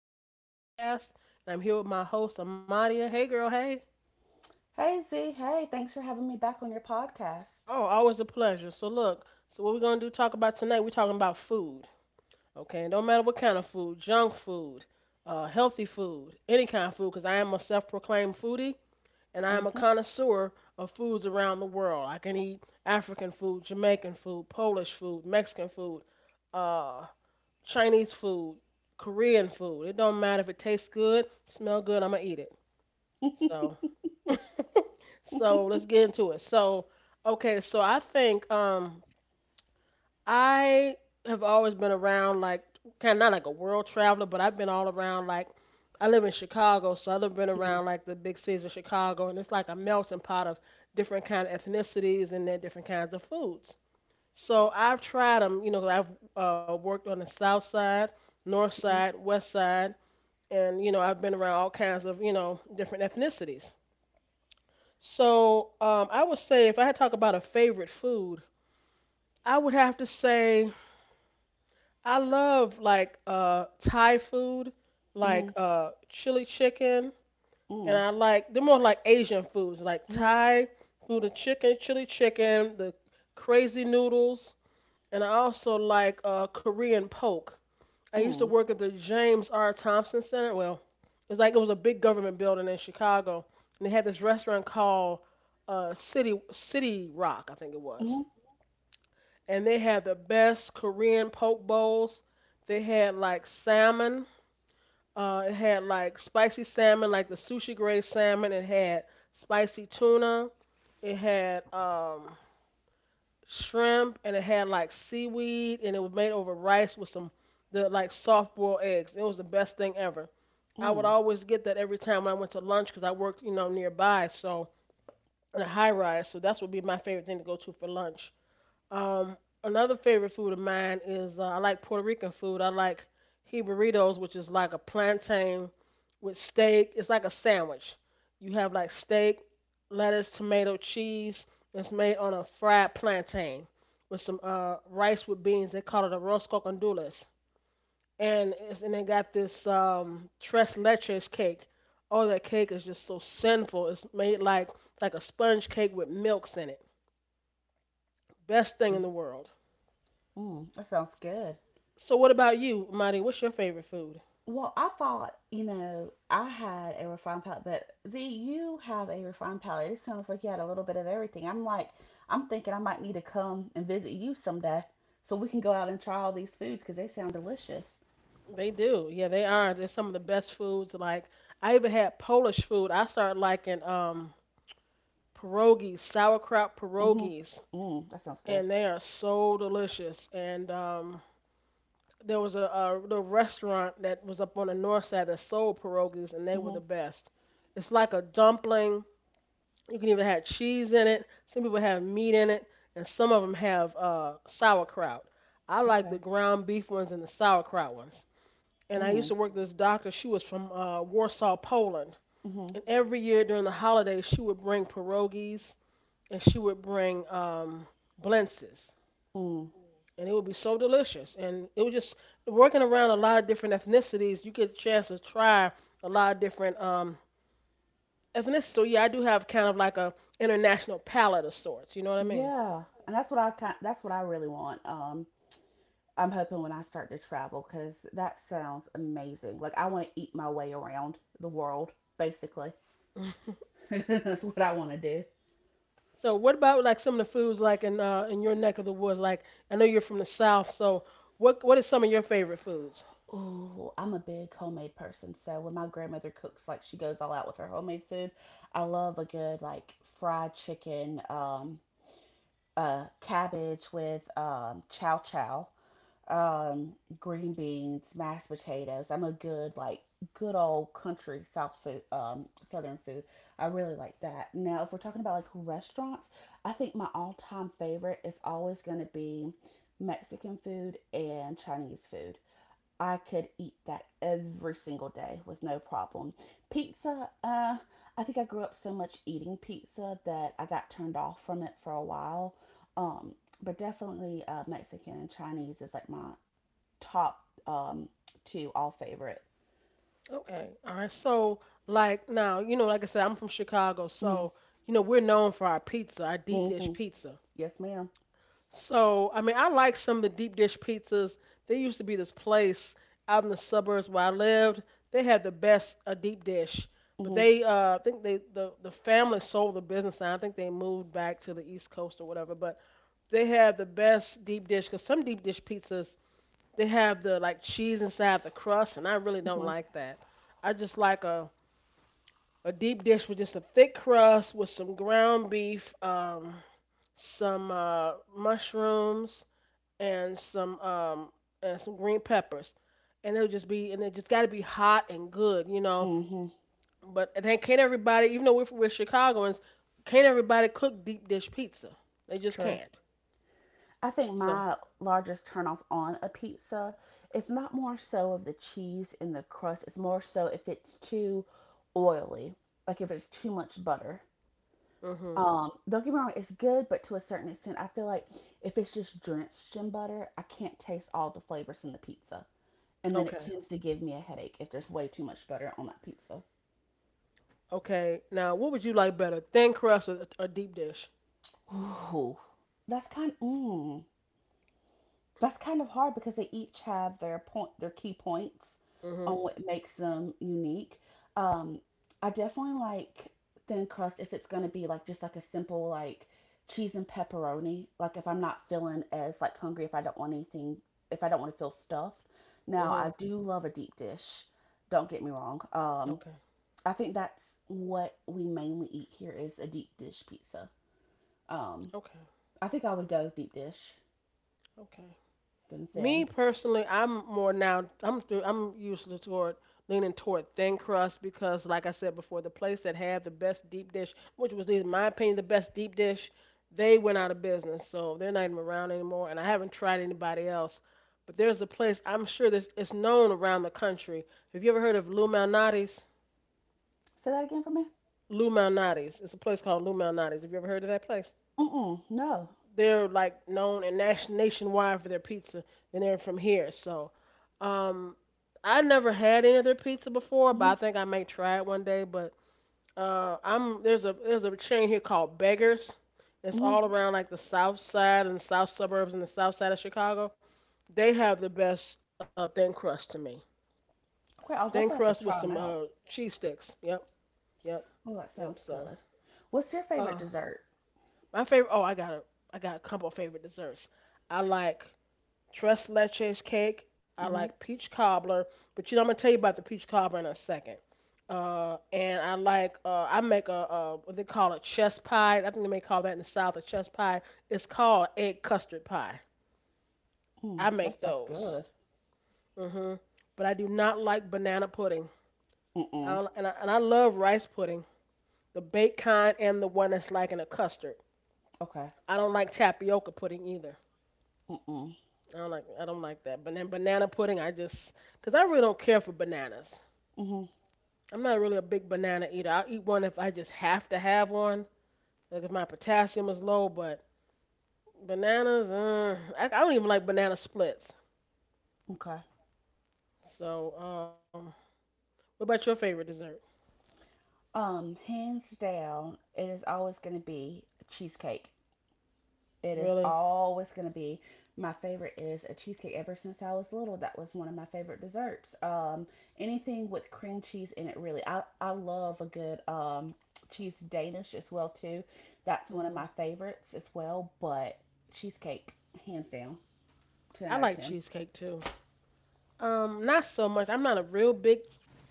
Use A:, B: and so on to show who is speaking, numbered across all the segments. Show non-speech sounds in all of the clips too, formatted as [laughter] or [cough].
A: with another podcast. And I'm here with my host, Amadia. Hey, girl, hey.
B: Hey Z, hey, thanks for having me back on your podcast.
A: Oh, always a pleasure. So, look, so what we're going to do talk about tonight, we're talking about food. Okay, and don't matter what kind of food, junk food, healthy food, any kind of food, because I am a self proclaimed foodie and I am a
B: Mhm,
A: connoisseur of foods around the world. I can eat African food, Jamaican food, Polish food, Mexican food, uh, Chinese food, Korean food. It don't matter if it tastes good, smell good, I'm gonna eat it.
B: mhm,
A: So, so, let's get into it. So, okay, so I think I have always been around like kind of not like a world traveler, but I've been all around like I live in Chicago, so I've been
B: mhm,
A: around like the big cities of Chicago, and it's like a melting pot of different kind of ethnicities and their different kinds of foods. So I've tried them, 'cause I've worked on the south side, north side, west side, and I've been around all kinds of different ethnicities. So I would say if I had to talk about a favorite food, I would have to say I love like Thai food,
B: mhm,
A: like chili chicken, and
B: mhm,
A: I like they're more like Asian foods, like
B: mhm,
A: Thai food and chicken, chili chicken, the crazy noodles, and I also like Korean poke. I used to
B: mhm.
A: work at the James R. Thompson Center. Well, it was like it was a big government building in Chicago, and they had this restaurant called City Rock, I think it was.
B: Mhm.
A: And they had the best Korean poke bowls. They had like salmon. It had like spicy salmon, like the sushi grade salmon. It had spicy tuna. It had shrimp, and it had like seaweed, and it was made over rice with some the like soft boiled eggs. It was the best thing ever. I would always get that every time when I went to lunch because I worked nearby, so in a high rise. So that's what would be my favorite thing to go to for lunch. Um, another favorite food of mine is I like Puerto Rican food. I like he burritos, which is like a plantain with steak. It's like a sandwich. You have like steak, lettuce, tomato, cheese. It's made on a fried plantain with some rice with beans. They call it a arroz con gandules and they got this tres leches cake. Oh, that cake is just so sinful. It's made like a sponge cake with milks in it. Best thing
B: Mhm.
A: in the world.
B: Mhm. That sounds good.
A: So what about you, Marty? What's your favorite food?
B: Well, I thought you know, I had a refined palate, but Z, you have a refined palate. It sounds like you had a little bit of everything. I'm like, I'm thinking I might need to come and visit you someday so we can go out and try all these foods because they sound delicious.
A: They do. Yeah, they are. They're some of the best foods. Like I even had Polish food. I started liking pierogies, sauerkraut
B: Mm-hmm.
A: pierogies,
B: Mm, that sounds good.
A: and they are so delicious. And there was a the restaurant that was up on the north side that sold pierogies, and they were the
B: Mm-hmm.
A: best. It's like a dumpling. You can even have cheese in it. Some people have meat in it, and some of them have sauerkraut. I like the
B: Okay.
A: ground beef ones and the sauerkraut ones. And I used
B: Mm,
A: to work with this doctor. She was from Warsaw, Poland.
B: mm-hmm.
A: And every year during the holidays, she would bring pierogies and she would bring blintzes
B: Mm.
A: and it would be so delicious. And it was just working around a lot of different ethnicities. You get a chance to try a lot of different ethnicities. So yeah, I do have kind of like a international palate of sorts. You know what I mean?
B: Yeah, and that's what I really want. I'm hoping when I start to travel because that sounds amazing. Like I want to eat my way around the world, basically.
A: [laughs]
B: [laughs] That's what I want to do.
A: So what about like some of the foods like in your neck of the woods? Like I know you're from the South, so what are some of your favorite foods?
B: Oh, I'm a big homemade person, so when my grandmother cooks, like she goes all out with her homemade food. I love a good like fried chicken, cabbage with chow chow, um, green beans, mashed potatoes. I'm a good like good old country South food, Southern food. I really like that. Now, if we're talking about like restaurants, I think my all-time favorite is always going to be Mexican food and Chinese food. I could eat that every single day with no problem. Pizza, uh, I think I grew up so much eating pizza that I got turned off from it for a while. Um, but definitely Mexican and Chinese is like my top, um, two, all favorite.
A: Okay, all right. So like now, like I said, I'm from Chicago,
B: Hmm.
A: so we're known for our pizza, our deep dish
B: Hmm.
A: pizza.
B: Yes, madam.
A: So, I mean, I like some of the deep dish pizzas. There used to be this place out in the suburbs where I lived. They had the best deep dish, but
B: Mm-hmm.
A: they, I think they, the family sold the business. And I think they moved back to the East Coast or whatever. But they had the best deep dish because some deep dish pizzas they have the like cheese inside the crust, and I really don't
B: Mm-hmm.
A: like that. I just like a deep dish with just a thick crust with some ground beef, some mushrooms and some um and some green peppers. And it just gotta be hot and good.
B: Mm-hmm.
A: But then can't everybody even though we're Chicagoans, can't everybody cook deep dish pizza? They just
B: True.
A: can't.
B: I think
A: So
B: my largest turnoff on a pizza is not more so of the cheese and the crust. It's more so if it's too oily, like if it's too much butter.
A: mhm.
B: Don't get me wrong, it's good, but to a certain extent, I feel like if it's just drenched in butter, I can't taste all the flavors in the pizza. And then it
A: Okay.
B: tends to give me a headache if there's way too much butter on that pizza.
A: Okay. Now what would you like better? Thin crust or deep dish?
B: Ooh, that's kind. Mm, that's kind of hard because they each have their point, their key points on
A: Mhm.
B: what makes them unique. Um, I definitely like thin crust if it's gonna be like just like a simple like cheese and pepperoni. Like if I'm not feeling as like hungry, if I don't want anything, if I don't want to feel stuffed. Now
A: Mhm.
B: I do love a deep dish. Don't get me wrong.
A: Okay.
B: I think that's what we mainly eat here is a deep dish pizza. Um,
A: Okay.
B: I think I would go deep dish.
A: Okay.
B: Then
A: Me
B: saying,
A: personally, I'm more now. I'm through. I'm usually toward leaning toward thin crust because, like I said before, the place that had the best deep dish, which was in my opinion the best deep dish, they went out of business, so they're not even around anymore. And I haven't tried anybody else. But there's a place I'm sure this it's known around the country. Have you ever heard of Lou Malnati's?
B: say that again for me.
A: Lou Malnati's. It's a place called Lou Malnati's. Have you ever heard of that place?
B: Mm-mm, no.
A: They're like known and nationwide for their pizza, and they're from here. So, um, I never had any of their pizza before, but
B: Mm-hmm,
A: I think I may try it one day. But I'm there's a chain here called Beggars. It's
B: mm-hmm.
A: all around like the South Side and the South suburbs and the South Side of Chicago. They have the best thin crust to me.
B: Okay,
A: Thin
B: I'll
A: crust
B: definitely
A: with
B: have to
A: some
B: try them out.
A: cheese sticks. Yep, yep,
B: Oh, that
A: yep.
B: sounds
A: So,
B: good. What's your
A: uh,
B: favorite dessert?
A: my favorite. Oh, I got a couple of favorite desserts. I like tres leches cake. I
B: Mm-hmm,
A: like peach cobbler, but you know I'm gonna tell you about the peach cobbler in a second. And I make a what they call a chest pie. I think they may call that in the south a chest pie. It's called egg custard pie. I
B: mm,
A: make
B: that sounds
A: those.
B: good.
A: Hmm. But I do not like banana pudding. I
B: Mm-mm,
A: don't, and I love rice pudding, the baked kind and the one that's like in a custard.
B: okay.
A: I don't like tapioca pudding either.
B: Mm-mm,
A: I don't like that. But then banana pudding, I just because I really don't care for bananas.
B: mm-hmm,
A: I'm not really a big banana eater. I'll eat one if I just have to have one, like if my potassium is low. But bananas, I don't even like banana splits.
B: okay.
A: So, what about your favorite dessert?
B: Hands down, it is always going to be cheesecake. It is
A: Really?
B: always going to be my favorite is A cheesecake, ever since I was little, that was one of my favorite desserts. Anything with cream cheese in it, really. I love a good cheese Danish as well too. That's one of
A: Hmm.
B: my favorites as well. But cheesecake, hands down, ten
A: I
B: out of
A: like
B: ten.
A: cheesecake too. Not so much. I'm not a real big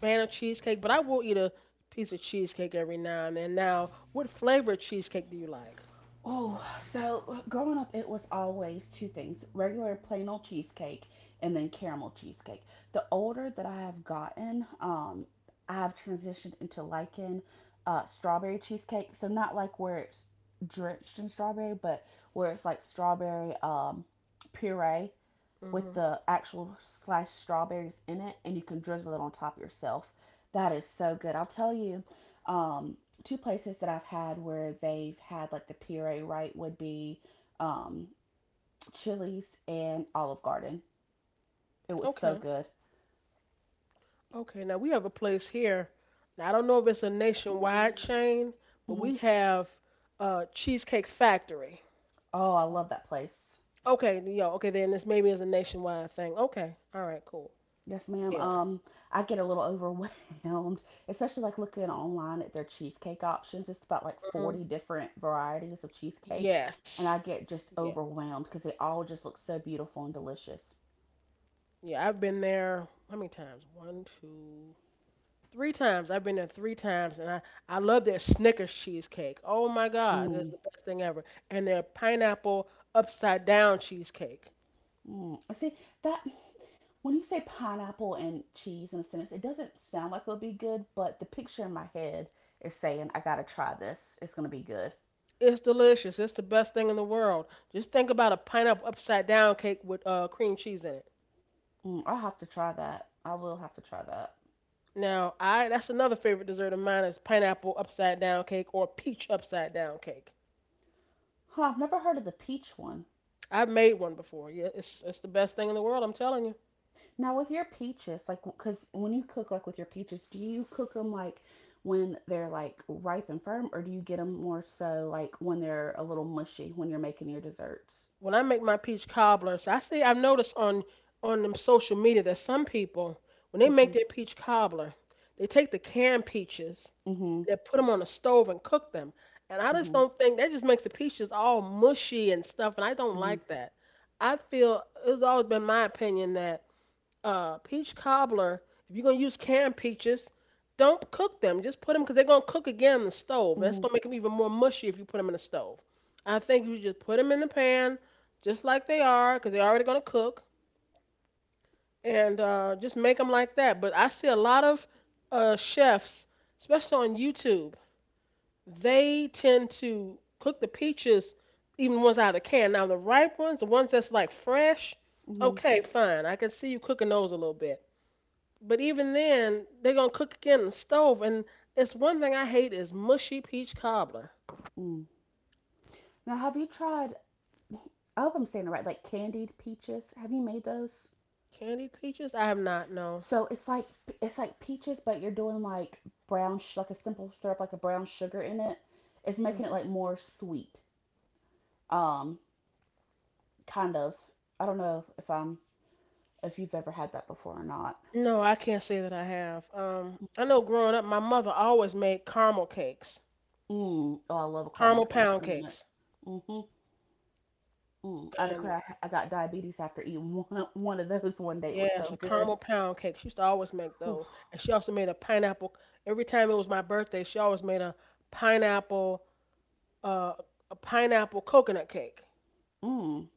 A: fan of cheesecake, but I will eat a piece of cheesecake every now and then. Now, what flavor cheesecake do you like?
B: Oh, so growing up, it was always two things: regular plain old cheesecake and then caramel cheesecake. The older that I have gotten, I've transitioned into liking strawberry cheesecake. So, not like where it's drenched in strawberry, but where it's like strawberry puree with
A: Hmm.
B: the actual sliced strawberries in it, and you can drizzle it on top yourself. That is so good. I'll tell you, um, two places that I've had where they've had like the puree right would be, um, Chili's and Olive Garden. It was so
A: Okay.
B: good.
A: Okay, now we have a place here. Now, I don't know if it's a nationwide chain, but
B: Hmm.
A: we have Cheesecake Factory.
B: Oh, I love that place.
A: Okay, yo, okay, then this maybe is a nationwide thing. Okay, all right, cool.
B: Yes, ma'am.
A: Yeah.
B: I get a little overwhelmed, [laughs] especially like looking online at their cheesecake options. It's about like
A: Hmm.
B: 40 different varieties of cheesecake,
A: Yes.
B: and I get just
A: Yeah.
B: overwhelmed because they all just look so beautiful and delicious.
A: Yeah, I've been there how many times? One, two, three times. I've been there three times, and I love their Snickers cheesecake. Oh my God,
B: Mm,
A: it's the best thing ever. And their pineapple upside down cheesecake.
B: mm. See, that when you say pineapple and cheese in a sentence, it doesn't sound like it'll be good, but the picture in my head is saying, I gotta try this. It's gonna be good.
A: It's delicious. It's the best thing in the world. Just think about a pineapple upside down cake with cream cheese in it.
B: Mm, I'll have to try that. I will have to try that.
A: Now, I that's another favorite dessert of mine is pineapple upside down cake or peach upside down cake.
B: Huh, I've never heard of the peach one.
A: I've made one before. Yeah, it's the best thing in the world. I'm telling you.
B: Now with your peaches, like because when you cook like with your peaches, do you cook them like when they're like ripe and firm, or do you get them more so like when they're a little mushy when you're making your desserts?
A: When I make my peach cobblers, I've noticed on them social media that some people when they make
B: Mhm.
A: their peach cobbler, they take the canned peaches
B: Mhm.
A: they put them on the stove and cook them. And I just
B: Mhm.
A: don't think that just makes the peaches all mushy and stuff, and I don't
B: Mhm.
A: like that. I feel it's always been my opinion that peach cobbler, if you're gonna use canned peaches, don't cook them. Just put them because they're gonna cook again in the stove. That's
B: Mhm.
A: gonna make them even more mushy if you put them in the stove. I think you just put them in the pan, just like they are, because they're already gonna cook, and just make them like that. But I see a lot of chefs, especially on YouTube, they tend to cook the peaches, even the ones out of the can. Now the ripe ones, the ones that's like fresh,
B: Mhm.
A: okay, fine. I can see you cooking those a little bit. But even then, they're gonna cook again in the stove, and it's one thing I hate is mushy peach cobbler.
B: Mm. Now, have you tried? I hope I'm saying it right. Like candied peaches. Have you made those?
A: Candied peaches? I have not. No.
B: So it's like peaches, but you're doing like like a simple syrup, like a brown sugar in it. It's making it
A: Mm-mm.
B: like more sweet. Um, Kind of. I don't know if I'm if you've ever had that before or not.
A: No, I can't say that I have. I know growing up, my mother always made caramel cakes,
B: Mm. Oh, I love a caramel
A: caramel
B: cake. It's
A: pound
B: been a minute.
A: cakes,
B: Hmm. Mm. I declare
A: and
B: I got diabetes after eating [laughs] one of those one day. It was so
A: yes, a
B: good.
A: caramel pound cake. She used to always make
B: Whew.
A: those, and she also made a pineapple. Every time it was my birthday, she always made pineapple, uh, a pineapple coconut cake.
B: Mm.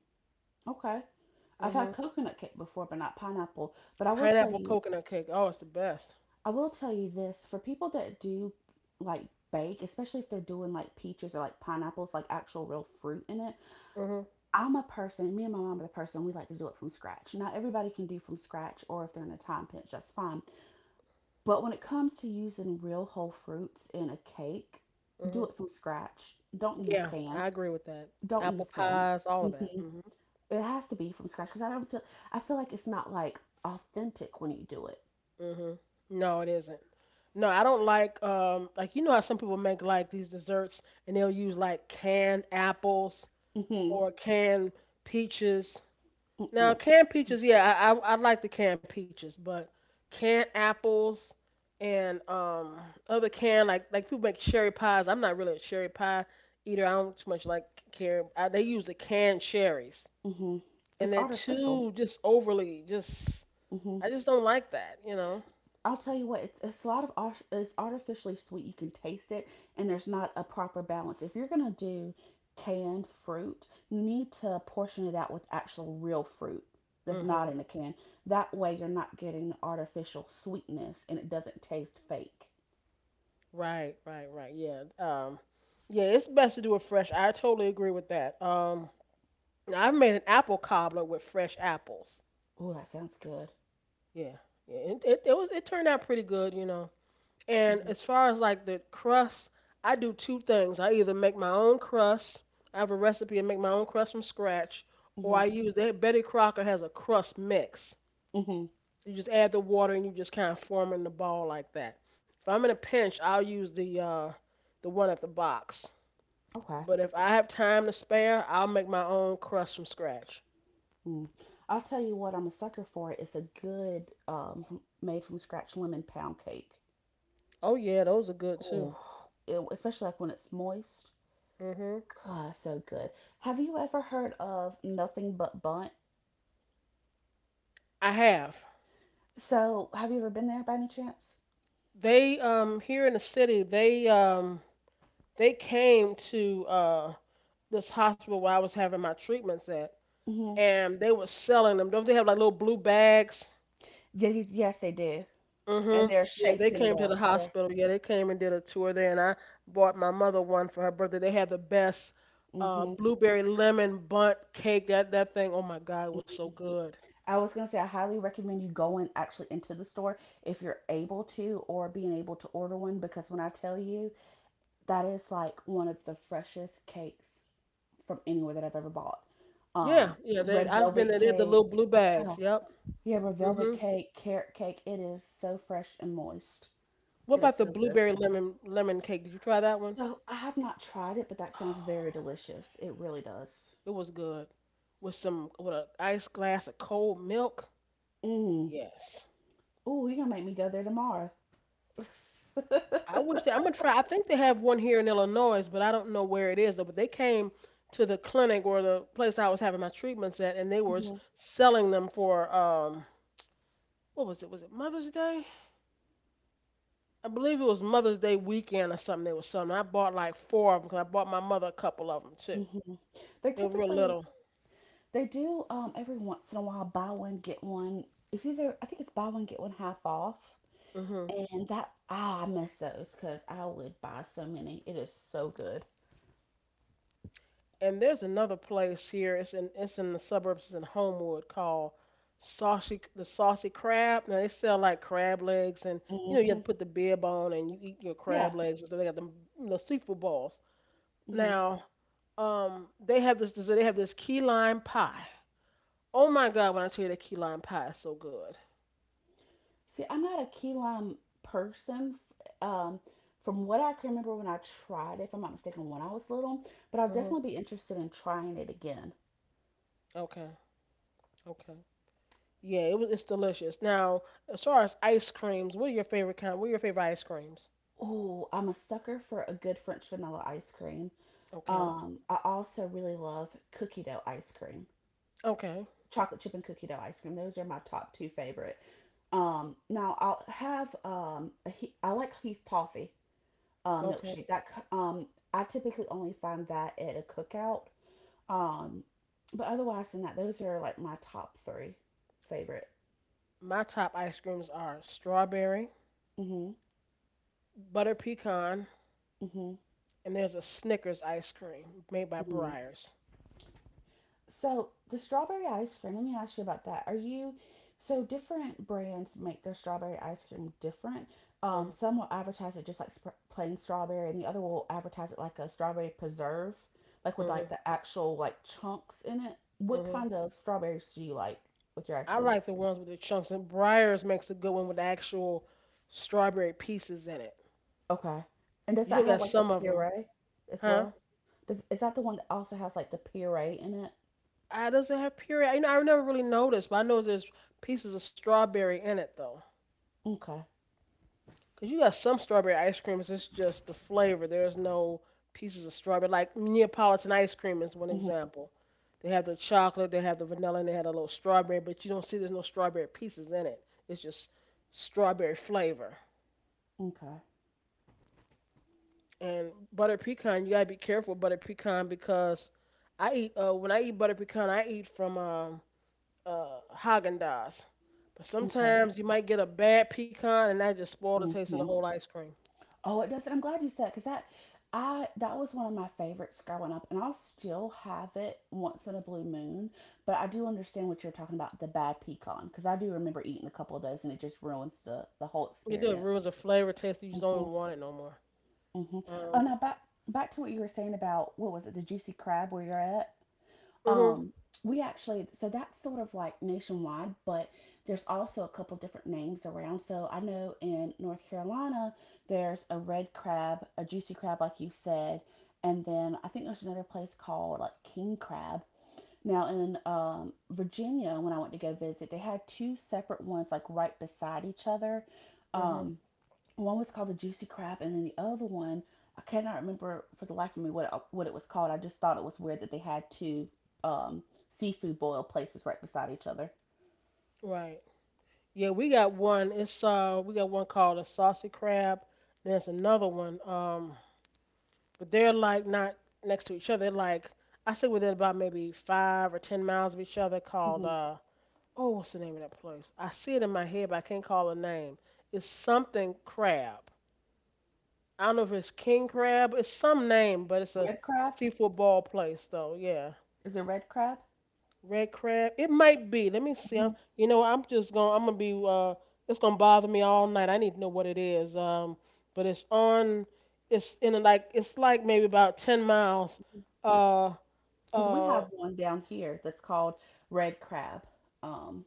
B: Okay. I've
A: Hmm.
B: had coconut cake before, but not pineapple. But I will tell
A: Pineapple
B: you,
A: coconut cake. Oh, it's the best.
B: I will tell you this, for people that do like bake, especially if they're doing like peaches or like pineapples, like actual real fruit in it.
A: Mm-hmm.
B: I'm a person, me and my mom are the person, we like to do it from scratch. Not everybody can do from scratch, or if they're in a time pinch, that's fine. But when it comes to using real whole fruits in a cake,
A: Hmm.
B: do it from scratch. Don't use
A: Yeah,
B: can.
A: I agree with that.
B: Don't
A: Apple
B: use can.
A: pies, all
B: Hmm.
A: of that. Hmm.
B: It has to be from scratch because I feel like it's not like authentic when you do it.
A: Hmm. No, it isn't. No, I don't like you know how some people make like these desserts and they'll use like canned apples
B: Mm-hmm.
A: or canned peaches. Now
B: Mm-mm.
A: canned peaches, yeah, I like the canned peaches, but canned apples and other canned like people make cherry pies. I'm not really a cherry pie eater. I don't too much like care. I, they use the canned cherries.
B: Mm-hmm.
A: And
B: It's
A: they're
B: artificial.
A: too just overly just
B: Mm-hmm.
A: I just don't like that, you know.
B: I'll tell you what, it's a lot of art, it's artificially sweet. You can taste it, and there's not a proper balance. If you're gonna do canned fruit, you need to portion it out with actual real fruit that's
A: Mhm.
B: not in a can. That way, you're not getting the artificial sweetness, and it doesn't taste fake.
A: Right, right, right. Yeah. Yeah, it's best to do it fresh. I totally agree with that. I've made an apple cobbler with fresh apples.
B: Oh, that sounds good.
A: Yeah. Yeah, it turned out pretty good, you know. And
B: Mm.
A: as far as like the crust, I do two things. I either make my own crust. I have a recipe and make my own crust from scratch, or
B: Mhm,
A: I use they Betty Crocker has a crust mix.
B: mhm, mhm.
A: You just add the water and you just kind of form in the ball like that. If I'm in a pinch, I'll use the one at the box.
B: Okay.
A: But if I have time to spare, I'll make my own crust from scratch.
B: Mm. I'll tell you what I'm a sucker for. It's a good, made from scratch lemon pound cake.
A: Oh yeah, those are good too.
B: Oh, it, especially like when it's moist.
A: Mhm.
B: God, so good. Have you ever heard of Nothing But Bunt?
A: I have.
B: So, have you ever been there by any chance?
A: They here in the city, they came to this hospital where I was having my treatments at,
B: Hmm.
A: and they were selling them. Don't they have like little blue bags?
B: Yes, they do. And
A: Mhm.
B: they're
A: Yeah, they
B: shaped in
A: came to the
B: the, yeah.
A: hospital. Yeah, they came and did a tour there, and I bought my mother one for her birthday. They had the best
B: Hmm.
A: blueberry lemon bunt cake. That that thing. Oh my God, it was so good.
B: I was gonna say I highly recommend you going actually into the store if you're able to or being able to order one because when I tell you that is like one of the freshest cakes from anywhere that I've ever bought.
A: Yeah, yeah. They.
B: Red
A: I've been
B: velvet
A: there. They had the
B: cake,
A: little blue bags.
B: oh,
A: Yep.
B: yeah, red velvet
A: Mhm.
B: cake, carrot cake. It is so fresh and moist.
A: What
B: It is
A: about the
B: so good.
A: blueberry lemon cake? Did you try that one? [sighs]
B: So I have not tried it, but that sounds very
A: Oh,
B: delicious. It really does.
A: it was good. With some with an ice glass of cold milk.
B: Mm.
A: Yes.
B: Oh, you're gonna make me go there tomorrow. [laughs]
A: I wish that I'm gonna try. I think they have one here in Illinois, but I don't know where it is. Though. But they came to the clinic or the place I was having my treatments at, and they were
B: Hmm.
A: selling them for what was it? Was it Mother's Day? I believe it was Mother's Day weekend or something. They were selling. I bought like four of them because I bought my mother a couple of them too.
B: Hmm. They
A: They were real
B: typically
A: little.
B: they do every once in a while buy one get one. It's either I think it's buy one get one half off,
A: Mm-hmm.
B: and that ah I miss those because I would buy so many. It is so good.
A: And there's another place here. It's in the suburbs. It's in Homewood called Saucy Crab. Now they sell like crab legs, and you know you have
B: Hmm.
A: to put the bib on and you eat your
B: Yeah.
A: crab legs. So they got the seafood balls.
B: Hmm.
A: Now, they have this dessert. They have this key lime pie. Oh my God! When I tell you that key lime pie is so good.
B: See, I'm not a key lime person. Um, from what I can remember when I tried it, if I'm not mistaken, when I was little, but I'll
A: Hmm.
B: definitely be interested in trying it again.
A: Okay. Okay. Yeah, it was. It's delicious. Now, as far as ice creams, what are your favorite kind? What are your favorite ice creams?
B: Ooh, I'm a sucker for a good French vanilla ice cream.
A: Okay.
B: I also really love cookie dough ice cream,
A: Okay.
B: chocolate chip and cookie dough ice cream. Those are my top two favorite. Now I'll have, I like Heath Toffee
A: Okay.
B: milkshake. I typically only find that at a cookout. Um, but otherwise than that, those are like my top three favorite.
A: My top ice creams are strawberry,
B: Hmm.
A: butter pecan,
B: Hmm.
A: and there's a Snickers ice cream made by
B: Hmm.
A: Breyers.
B: So the strawberry ice cream, let me ask you about that. So different brands make their strawberry ice cream different.
A: Hmm.
B: Some will advertise it just like sp plain strawberry, and the other will advertise it like a strawberry preserve, like with like
A: Hmm.
B: the actual like chunks in it. What
A: Hmm.
B: kind of strawberries do you like with your ice
A: I
B: cream?
A: like the ones with the chunks, and Breyers makes a good one with actual strawberry pieces in it.
B: Okay. And does
A: You know,
B: that have
A: got
B: like a
A: some of them,
B: puree as
A: huh?
B: well? Does is that the one that also has like the puree in it?
A: I does not have puree? You know, I never really noticed, but I know there's pieces of strawberry in it though.
B: Okay.
A: Cause you got some strawberry ice creams. It's just the flavor. There's no pieces of strawberry. Like Neapolitan ice cream is one
B: Mhm.
A: example. They have the chocolate, they have the vanilla, and they had a little strawberry. But you don't see there's no strawberry pieces in it. It's just strawberry flavor.
B: Okay.
A: And butter pecan, you gotta be careful with butter pecan because I eat when I eat butter pecan, I eat from Haagen Dazs. But
B: Okay.
A: sometimes you might get a bad pecan, and that just spoil the taste of the
B: Mhm.
A: whole ice cream.
B: Oh, it does I'm glad you said because that I that was one of my favorites growing up, and I'll still have it once in a blue moon. But I do understand what you're talking about, the bad pecan, because I do remember eating a couple of those, and it just ruins the whole
A: You do It
B: experience.
A: ruins the flavor, taste. You just don't even
B: Mhm.
A: want it no more.
B: Mhm. Oh,
A: Um.
B: now back to what you were saying about what was it, the Juicy Crab where you're at?
A: Mhm.
B: Um, we actually, so that's sort of like nationwide, but there's also a couple different names around. So I know in North Carolina, there's a Red Crab, a Juicy Crab, like you said, and then I think there's another place called like King Crab. Now in Virginia, when I went to go visit, they had two separate ones like right beside each other.
A: Mhm.
B: Um, One was called the Juicy Crab, and then the other one I cannot remember for the life of me what it was called. I just thought it was weird that they had two um, seafood boil places right beside each other.
A: Right. Yeah, we got one. It's we got one called a saucy crab. There's another one. But they're like not next to each other. They're like I say within about maybe 5 or 10 miles of each other. Called
B: hmm
A: oh, what's the name of that place? I see it in my head, but I can't call the name. It's something crab. I don't know if it's king crab. It's some name, but it's a
B: Red crab?
A: seafood ball place though. Yeah,
B: Is it red crab?
A: Red crab. It might be. Let me see.
B: hmm
A: You know, I'm just gonna. I'm gonna be. It's gonna bother me all night. I need to know what it is. But it's on. It's in a, like. It's like maybe about 10 miles. Uh,
B: Because we
A: uh,
B: have one down here that's called red crab um,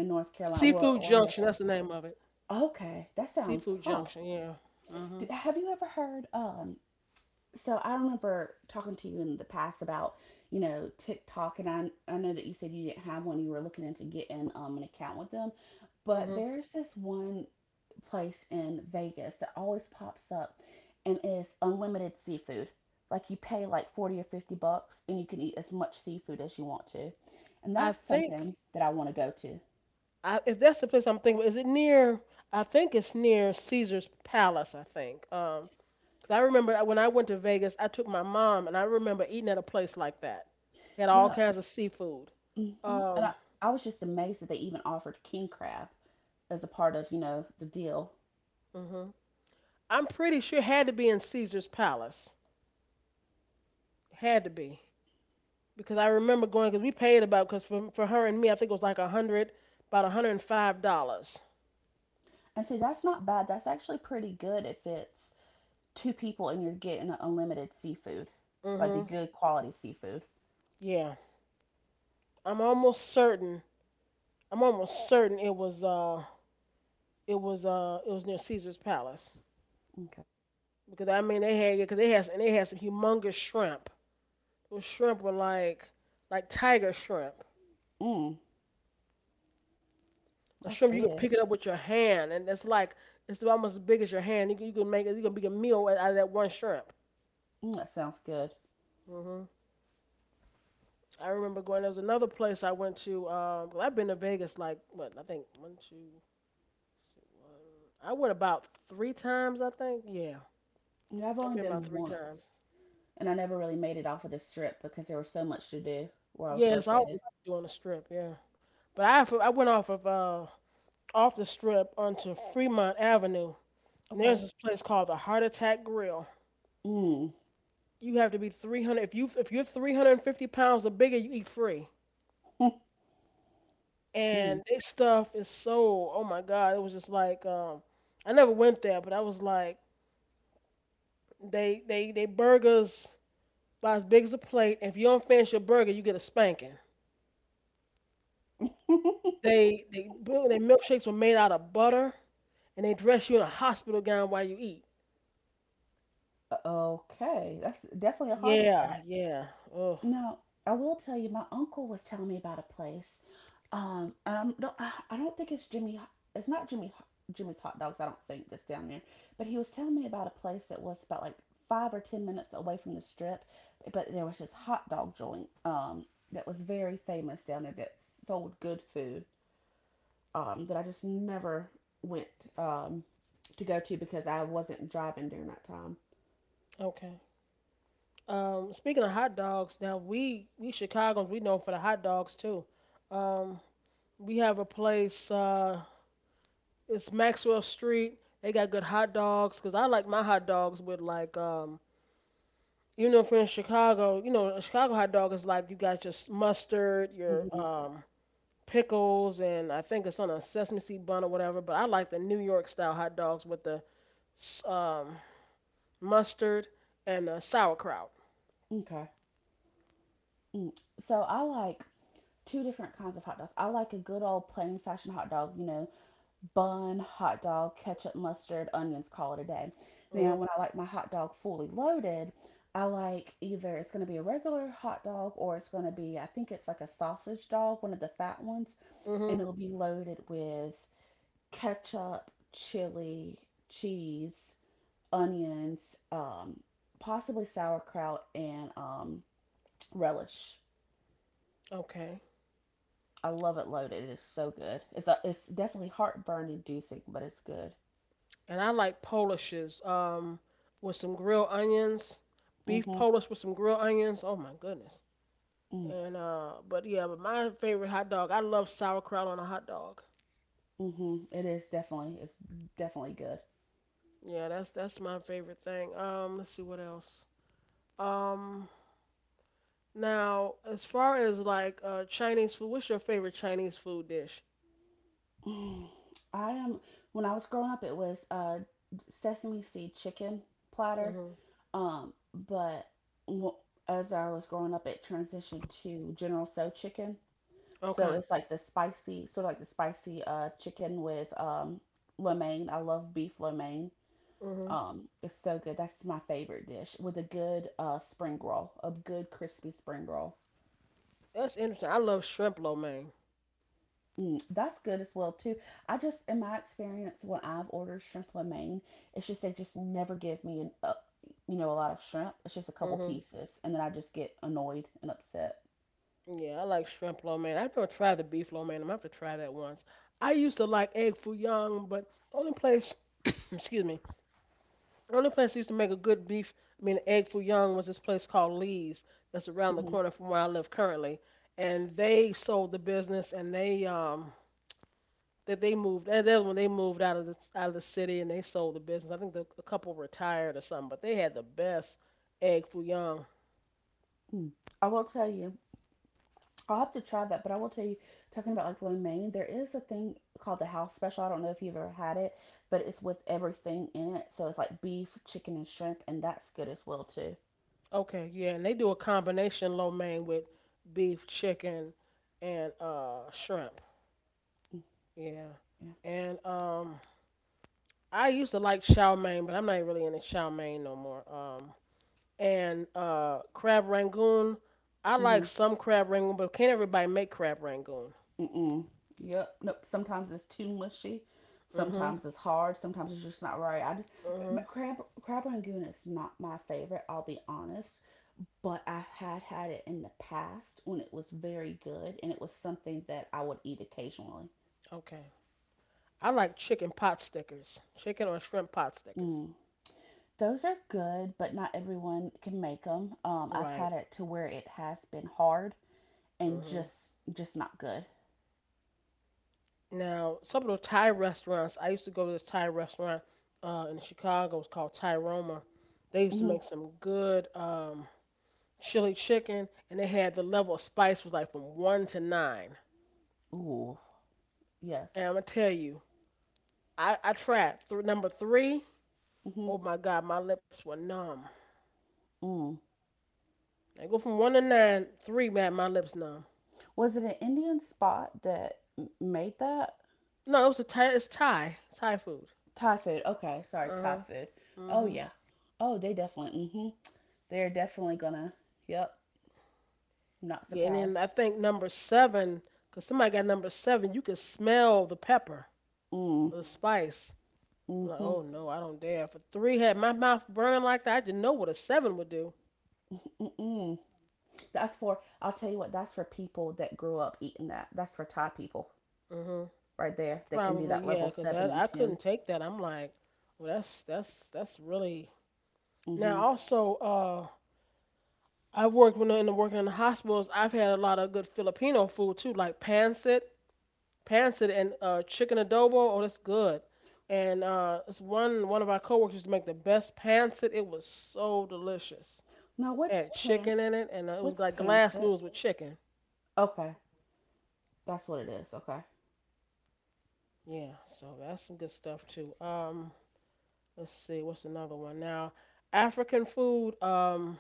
B: in North Carolina. Well,
A: Seafood
B: or North
A: Junction.
B: Carolina.
A: That's the name of it.
B: Okay, that sounds,
A: Seafood
B: huh.
A: Junction. Yeah.
B: D
A: Mhm.
B: Have you ever heard? So I remember talking to you in the past about, you know, TikTok, and I know that you said you didn't have one. You were looking into getting an account with them, but
A: Mhm.
B: there's this one place in Vegas that always pops up and is unlimited seafood. Like you pay like 40 or 50 bucks and you can eat as much seafood as you want to. And
A: I
B: that's
A: think.
B: something that I want to go to.
A: I, if that's the place I'm thinking, is it near? I think it's near Caesar's Palace. I think. 'Cause I remember when I went to Vegas, I took my mom, and I remember eating at a place like that. They had all
B: Yeah.
A: kinds of seafood.
B: hmm And
A: Um,
B: I was just amazed that they even offered king crab as a part of, you know, the deal.
A: mhm. I'm pretty sure it had to be in Caesar's Palace. Had to be because I remember going because we paid about because for her and me, I think it was like a hundred, about $105.
B: And see, that's not bad. That's actually pretty good if it's two people and you're getting unlimited seafood, like the
A: Mhm.
B: good quality seafood.
A: Yeah, I'm almost certain. I'm almost certain it was it was near Caesar's Palace
B: Okay.
A: because I mean they had yeah because they had and they had some humongous shrimp. Those shrimp were like tiger shrimp.
B: Mmm.
A: A
B: That's
A: shrimp you could
B: big.
A: pick it up with your hand, and it's like it's almost as big as your hand. You can make it. You can make a meal out of that one shrimp.
B: Mm, that sounds good.
A: Hmm. I remember going. There was another place I went to. 'Cause I've been to Vegas like what I think one, two, see, one. I went about 3 times. I think yeah,
B: Yeah, I've
A: I've
B: only
A: been about
B: been
A: 3 times.
B: once, and I never really made it off of the strip because there was so much to do where I was
A: Yeah, it's
B: located.
A: always doing the strip. Yeah, but I went off of off the strip onto Fremont Avenue. And there's
B: Okay.
A: this place called the Heart Attack Grill.
B: Mm.
A: You have to be 300, if you if you're 350 pounds or bigger you eat free,
B: [laughs] Mm.
A: and this stuff is so oh my god, it was just like I never went there, but I was like they burgers about as big as a plate, if you don't finish your burger you get a spanking.
B: [laughs]
A: Their milkshakes were made out of butter, and they dress you in a hospital gown while you eat.
B: Okay, that's definitely a heart
A: Yeah,
B: attack.
A: yeah. Oh.
B: Now, I will tell you, my uncle was telling me about a place. And I'm no, I don't think it's Jimmy. It's not Jimmy. Jimmy's hot dogs. I don't think that's down there. But he was telling me about a place that was about like 5 or 10 minutes away from the strip, but there was this hot dog joint that was very famous down there that sold good food that I just never went um to go to because I wasn't driving during that time.
A: Okay. Speaking of hot dogs, now we chicagoans, we know for the hot dogs too. um We have a place. It's Maxwell Street. They got good hot dogs. Cause I like my hot dogs with like You know, if you're in Chicago, you know, a Chicago hot dog is like you got your mustard, your
B: hmm
A: pickles, and I think it's on a sesame seed bun or whatever. But I like the New York style hot dogs with the s- um mustard and the sauerkraut.
B: Okay. Mm. So I like two different kinds of hot dogs. I like a good old plain fashioned hot dog, you know, bun, hot dog, ketchup, mustard, onions, call it a day. Now,
A: Mhm.
B: when I like my hot dog fully loaded, I like either it's going to be a regular hot dog or it's going to be, I think it's like a sausage dog, one of the fat ones, and
A: Mhm.
B: it'll be loaded with ketchup, chili, cheese, onions, um, possibly sauerkraut, and relish.
A: Okay.
B: I love it loaded. It is so good. It's definitely heartburn inducing, but it's good.
A: And I like Polishes with some grilled onions, beef
B: Mm-hmm.
A: Polish with some grilled onions. Oh my goodness.
B: Mm-hmm.
A: And but yeah, but my favorite hot dog, I love sauerkraut on a hot dog.
B: Mhm. It is definitely. It's definitely good. [sighs]
A: Yeah, that's my favorite thing. Let's see what else. Um, now as far as like Chinese food, what's your favorite Chinese food dish?
B: Mm, I am. When I was growing up, it was sesame seed chicken platter.
A: Mhm.
B: Um, but w- as I was growing up, it transitioned to General So chicken. So
A: Okay.
B: it's like the spicy, sort of like the spicy chicken with lo mein. I love beef lo mein.
A: Mhm.
B: It's so good. That's my favorite dish with a good spring roll, a good crispy spring roll.
A: That's interesting. I love shrimp lo mein.
B: Mm, that's good as well too. I just, in my experience, when I've ordered shrimp romaine, it's just they just never give me you know, a lot of shrimp. It's just a couple
A: Mhm.
B: pieces, and then I just get annoyed and upset.
A: Yeah, I like shrimp lo mein. I've never tried the beef lo mein. I'm gonna have to try that once. I used to like egg foo young, but the only place, [coughs] excuse me, only place that used to make a good beef, I mean egg foo young, was this place called Lee's that's around the
B: Mm-hmm.
A: corner from where I live currently, and they sold the business and they moved, and then when they moved out of the city and they sold the business. I think a couple retired or something, but they had the best egg foo young.
B: I will tell you, I'll have to try that, but I will tell you, talking about like romaine, there is a thing called the house special. I don't know if you've ever had it, but it's with everything in it. So it's like beef, chicken, and shrimp, and that's good as well too.
A: Okay, yeah, and they do a combination lo mein with beef, chicken, and shrimp.
B: Mm.
A: Yeah,
B: Yeah.
A: and I used to like chow mein, but I'm not really into chow mein no more. And Crab rangoon. I like
B: Mhm.
A: some crab rangoon, but can't everybody make crab rangoon?
B: Mm-mm. Yep. Nope. Sometimes it's too mushy.
A: Mm-hmm.
B: Sometimes it's hard. Sometimes it's just not right. M-
A: Mm-hmm.
B: crab crab rangoon is not my favorite. I'll be honest, but I had had it in the past when it was very good, and it was something that I would eat occasionally.
A: Okay. I like chicken pot stickers, chicken or shrimp pot stickers.
B: Mm. Those are good, but not everyone can make them. I've
A: Right.
B: had it to where it has been hard and
A: Mm-hmm.
B: just not good.
A: Now, some of the Thai restaurants. I used to go to this Thai restaurant in Chicago. It's called Thai Roma. They used to
B: hmm
A: make some good chili chicken, and they had the level of spice was like from one to nine.
B: Ooh.
A: And I'm
B: Yes.
A: gonna tell you, I tried number three.
B: hmm
A: Oh my god, my lips were numb.
B: Mm.
A: I go from one to nine, three, man, my lips numb.
B: Was it an Indian spot that made that?
A: No, it was a Thai. It's Thai. Thai food.
B: Thai food. Okay, sorry,
A: Uh
B: Thai
A: huh.
B: food. Oh
A: Mhm.
B: yeah. Oh, they definitely. Mhm. They're definitely gonna. Yep. Not
A: Yeah, and then I
B: surprised.
A: think number seven, cause somebody got number seven. You could smell the pepper,
B: Mm.
A: or the spice. I'm like,
B: Mhm.
A: oh no, I don't dare. For three had my mouth burning like that. I didn't know what a seven would do.
B: Mm. That's for. I'll tell you what. That's for people that grew up eating that. That's for Thai people,
A: Mhm.
B: right there. That can do
A: Probably,
B: that level
A: yeah, cause
B: seven
A: I
B: and
A: I
B: ten.
A: couldn't take that. I'm like, well, that's really. Now
B: Mhm.
A: also, I've worked when in the working in the hospitals. I've had a lot of good Filipino food too, like pancit and chicken adobo. Oh, that's good. And it's one of our coworkers used to make the best pancit. It was so delicious.
B: Now what's
A: Had
B: pan?
A: chicken in it, and it was
B: What's
A: like glass
B: pancit?
A: noodles with chicken.
B: Okay, that's what it is. Okay.
A: Yeah, so that's some good stuff too. Let's see, what's another one now? African food.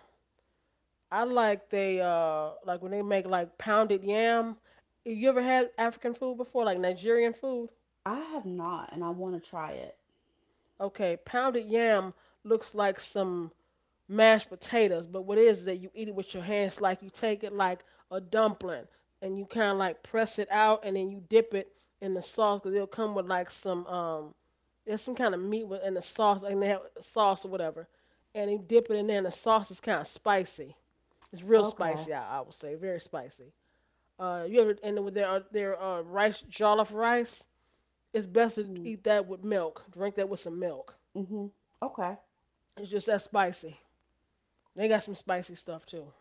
A: I like they like when they make like pounded yam. You ever had African food before, like Nigerian food?
B: I have not, and I want to try it.
A: Okay, pounded yam looks like some mashed potatoes, but what it is that you eat it with your hands, like you take it like a dumpling, and you kind of like press it out, and then you dip it in the sauce, cause it'll come with like some there's some kind of meat with in the sauce, and they have sauce or whatever, and you dip it in there, and the sauce is kind of spicy. It's real
B: Okay.
A: spicy, I would say, very spicy. You ever and with their rice jollof rice, it's best to
B: Mm.
A: eat that with milk. Drink that with some milk.
B: Mhm. Okay.
A: It's just that spicy. They got some spicy stuff too.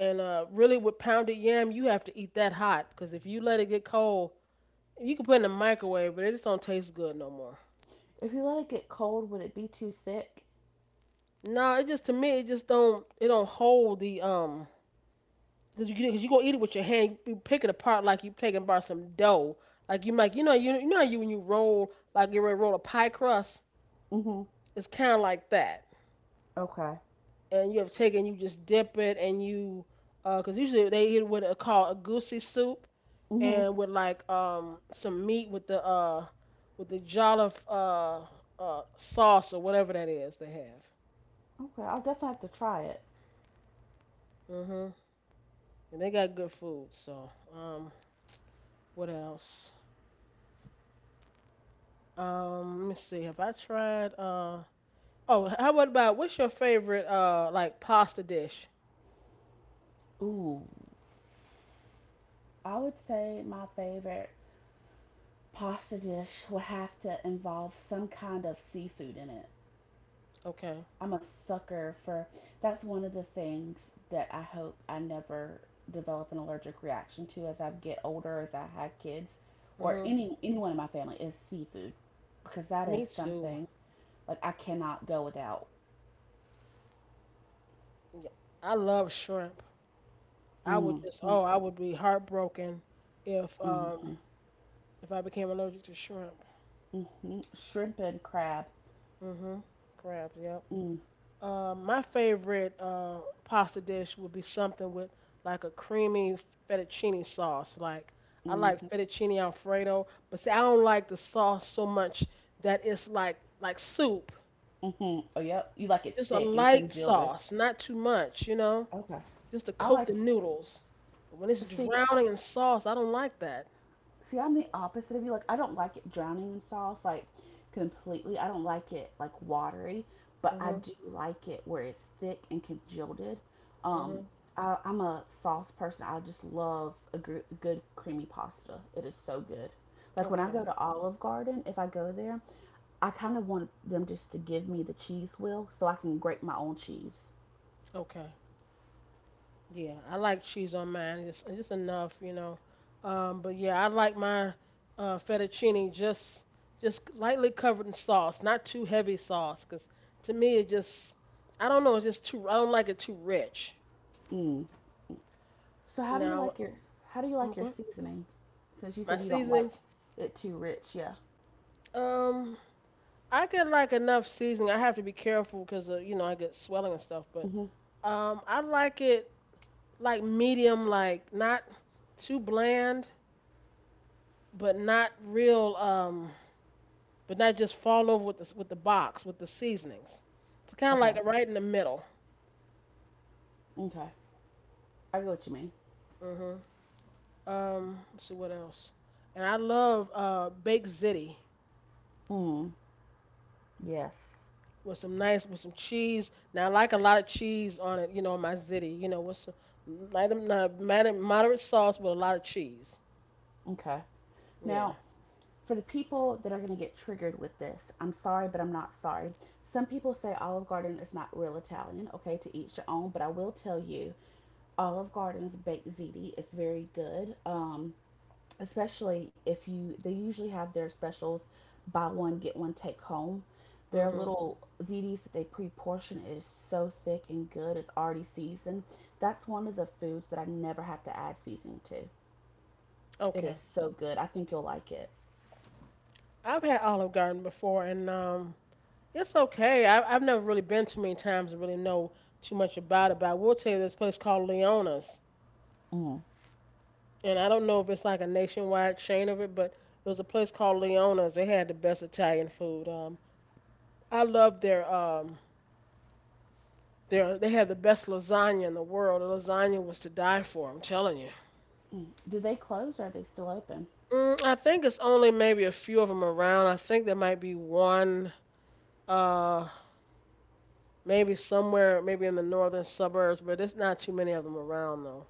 A: And really, with pounded yam, you have to eat that hot because if you let it get cold, you can put it in the microwave, but it just don't taste good no more.
B: If you let it get cold, would it be too thick?
A: No, it just to me, it just don't hold the because you cause you gonna eat it with your hand, you pick it apart like you taking apart some dough. Like you know you you know how you when you roll like you ready to roll a pie crust,
B: Mhm.
A: it's kind of like that.
B: Okay.
A: And you have taken, you just dip it and you, because usually they eat what are called a goosey soup,
B: Mhm.
A: and with like some meat with the jollof sauce or whatever that is they have.
B: Okay, I'll definitely have to try it.
A: Mhm. And they got good food. So what else? Let me see. Have I tried? Oh, how about what's your favorite like pasta dish?
B: Ooh. I would say my favorite pasta dish would have to involve some kind of seafood in it.
A: Okay.
B: I'm a sucker for that's one of the things that I hope I never develop an allergic reaction to as I get older, as I have kids, or
A: Mhm.
B: any anyone in my family is seafood because that is
A: Me too.
B: something like I cannot go without.
A: Yeah, I love shrimp. I would just
B: Mm-hmm,
A: oh, I would be heartbroken if um
B: mm-hmm.
A: if I became allergic to shrimp.
B: Shrimp and crab.
A: Mhm. Crabs, yep.
B: Mm,
A: My favorite pasta dish would be something with like a creamy fettuccine sauce. Like I
B: hmm
A: like fettuccine alfredo, but see I don't like the sauce so much that it's like soup.
B: Oh, yep. You like it
A: Just a
B: thick and
A: light
B: congealed.
A: sauce, not too much, you know?
B: Okay.
A: Just to
B: I
A: coat
B: like.
A: the noodles. But when it's
B: See, I-
A: drowning in sauce, I don't like that.
B: See, I'm the opposite of you. Like, I don't like it drowning in sauce, like completely. I don't like it like watery, but I
A: Mhm.
B: do like it where it's thick and congealed. Um,
A: Mhm.
B: I'm a sauce person. I just love a good creamy pasta. It is so good. Like when I go
A: Okay.
B: to Olive Garden, if I go there I kind of want them just to give me the cheese wheel so I can grate my own cheese.
A: Okay. Yeah, I like cheese on mine, just enough, you know. But yeah, I like my fettuccine just lightly covered in sauce, not too heavy sauce, 'cause to me it just I don't know, it's just too I don't like it too rich.
B: Mm. So how do you
A: Now,
B: like your how do you like
A: I'm
B: your
A: going
B: seasoning? Since you
A: my
B: said you don't like
A: seasonings.
B: it too rich, yeah.
A: Um, I get like enough seasoning. I have to be careful because you know I get swelling and stuff. But
B: hmm
A: I like it like medium, like not too bland, but not real but not just fall over with the box with the seasonings. It's kind of
B: Okay.
A: like right in the middle.
B: Okay. I get what you mean.
A: mm let's see what else. And I love baked ziti
B: Mm. Yes.
A: with some nice with some cheese. Now I like a lot of cheese on it, you know, on my ziti, you know, with some light, moderate sauce with a lot of cheese.
B: Okay. Now,
A: Yeah.
B: for the people that are going to get triggered with this, I'm sorry, but I'm not sorry. Some people say Olive Garden is not real Italian, okay, to each your own, but I will tell you, Olive Garden's baked ziti is very good. Especially if you they usually have their specials buy one get one take home their
A: Mhm.
B: little zds that they pre-portion is so thick and good. It's already seasoned. That's one of the foods that I never have to add seasoning to. It is
A: Okay.
B: so good. I think you'll like it.
A: I've had Olive Garden before, and it's okay. I've never really been too many times to really know too much about it. But I will tell you, this place called Leona's.
B: Mm.
A: And I don't know if it's like a nationwide chain of it, but it was a place called Leona's. They had the best Italian food. I loved their they had the best lasagna in the world. The lasagna was to die for. I'm telling you.
B: Mm. Do they close or are they still open?
A: Mm, I think it's only maybe a few of them around. I think there might be one uh maybe somewhere maybe in the northern suburbs, but there's not too many of them around though.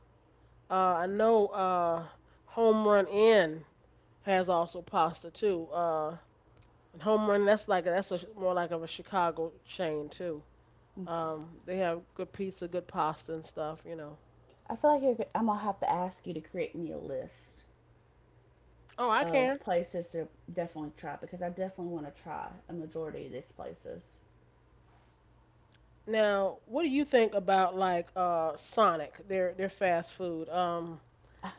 A: I know Home Run Inn has also pasta too. And Home Run, that's like more like of a Chicago chain too.
B: Mm.
A: They have good pizza, good pasta and stuff, you know.
B: I feel like you're, I'm gonna have to ask you to create me a list
A: Oh, I
B: of
A: can.
B: places to definitely try because I definitely want to try a majority of these places.
A: Now, what do you think about like Sonic, their fast food?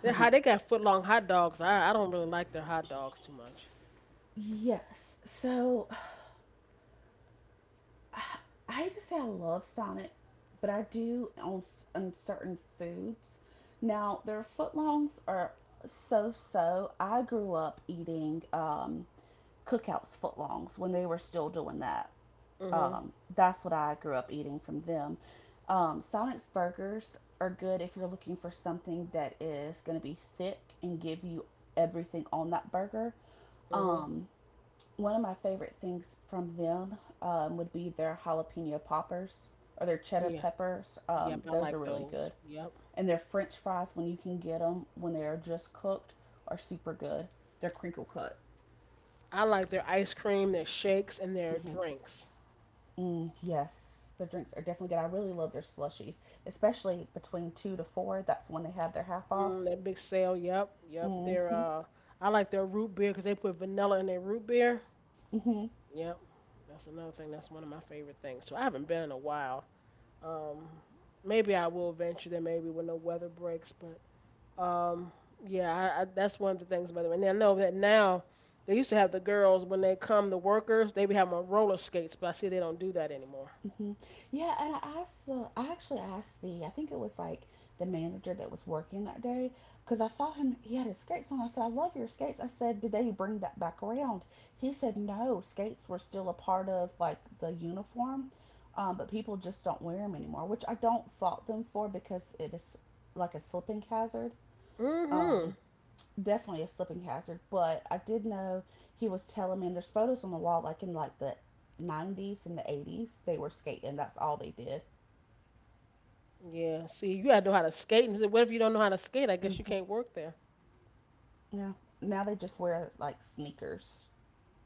A: They how they got foot long hot dogs. I don't really like their hot dogs too much.
B: Yes. So [sighs] I hate to say I love Sonic, but I do on certain foods. Now, their footlongs are so so. I grew up eating cookouts footlongs when they were still doing that.
A: Mhm.
B: That's what I grew up eating from them. Sonic's burgers are good if you're looking for something that is going to be thick and give you everything on that burger.
A: Mhm.
B: Um, one of my favorite things from them, would be their jalapeno poppers or their cheddar
A: Yeah.
B: peppers.
A: Yep, I
B: Those are
A: like
B: really
A: those.
B: good.
A: Yep.
B: And their French fries, when you can get them when they are just cooked, are super good. They're crinkle cut.
A: I like their ice cream, their shakes, and their
B: Mhm.
A: drinks.
B: Mm, yes, the drinks are definitely good. I really love their slushies, especially between two to four. That's when they have their half off.
A: Mm, that big sale. Yep. Yep. Their
B: Mm-hmm.
A: I like their root beer because they put vanilla in their root beer.
B: Mm-hmm.
A: Yep, that's another thing. That's one of my favorite things. So I haven't been in a while. Um, Maybe I will venture there. Maybe when the weather breaks. But um, yeah, that's one of the things about it. And I know that now they used to have the girls when they come, the workers, they be having on roller skates. But I see they don't do that anymore.
B: hmm Yeah, and I asked the, I actually asked the, I think it was like the manager that was working that day, because I saw him, he had his skates on. I said, I love your skates. I said, did they bring that back around? He said, no, skates were still a part of like the uniform, but people just don't wear them anymore, which I don't fault them for because it is like a slipping hazard.
A: Mhm.
B: Um, Definitely a slipping hazard, but I did know he was telling me, and there's photos on the wall, like in like the 90s and the 80s, they were skating. That's all they did.
A: Yeah. See, you gotta know how to skate. And what if you don't know how to skate? I guess you can't
B: hmm
A: work there.
B: Yeah. Now they just wear like sneakers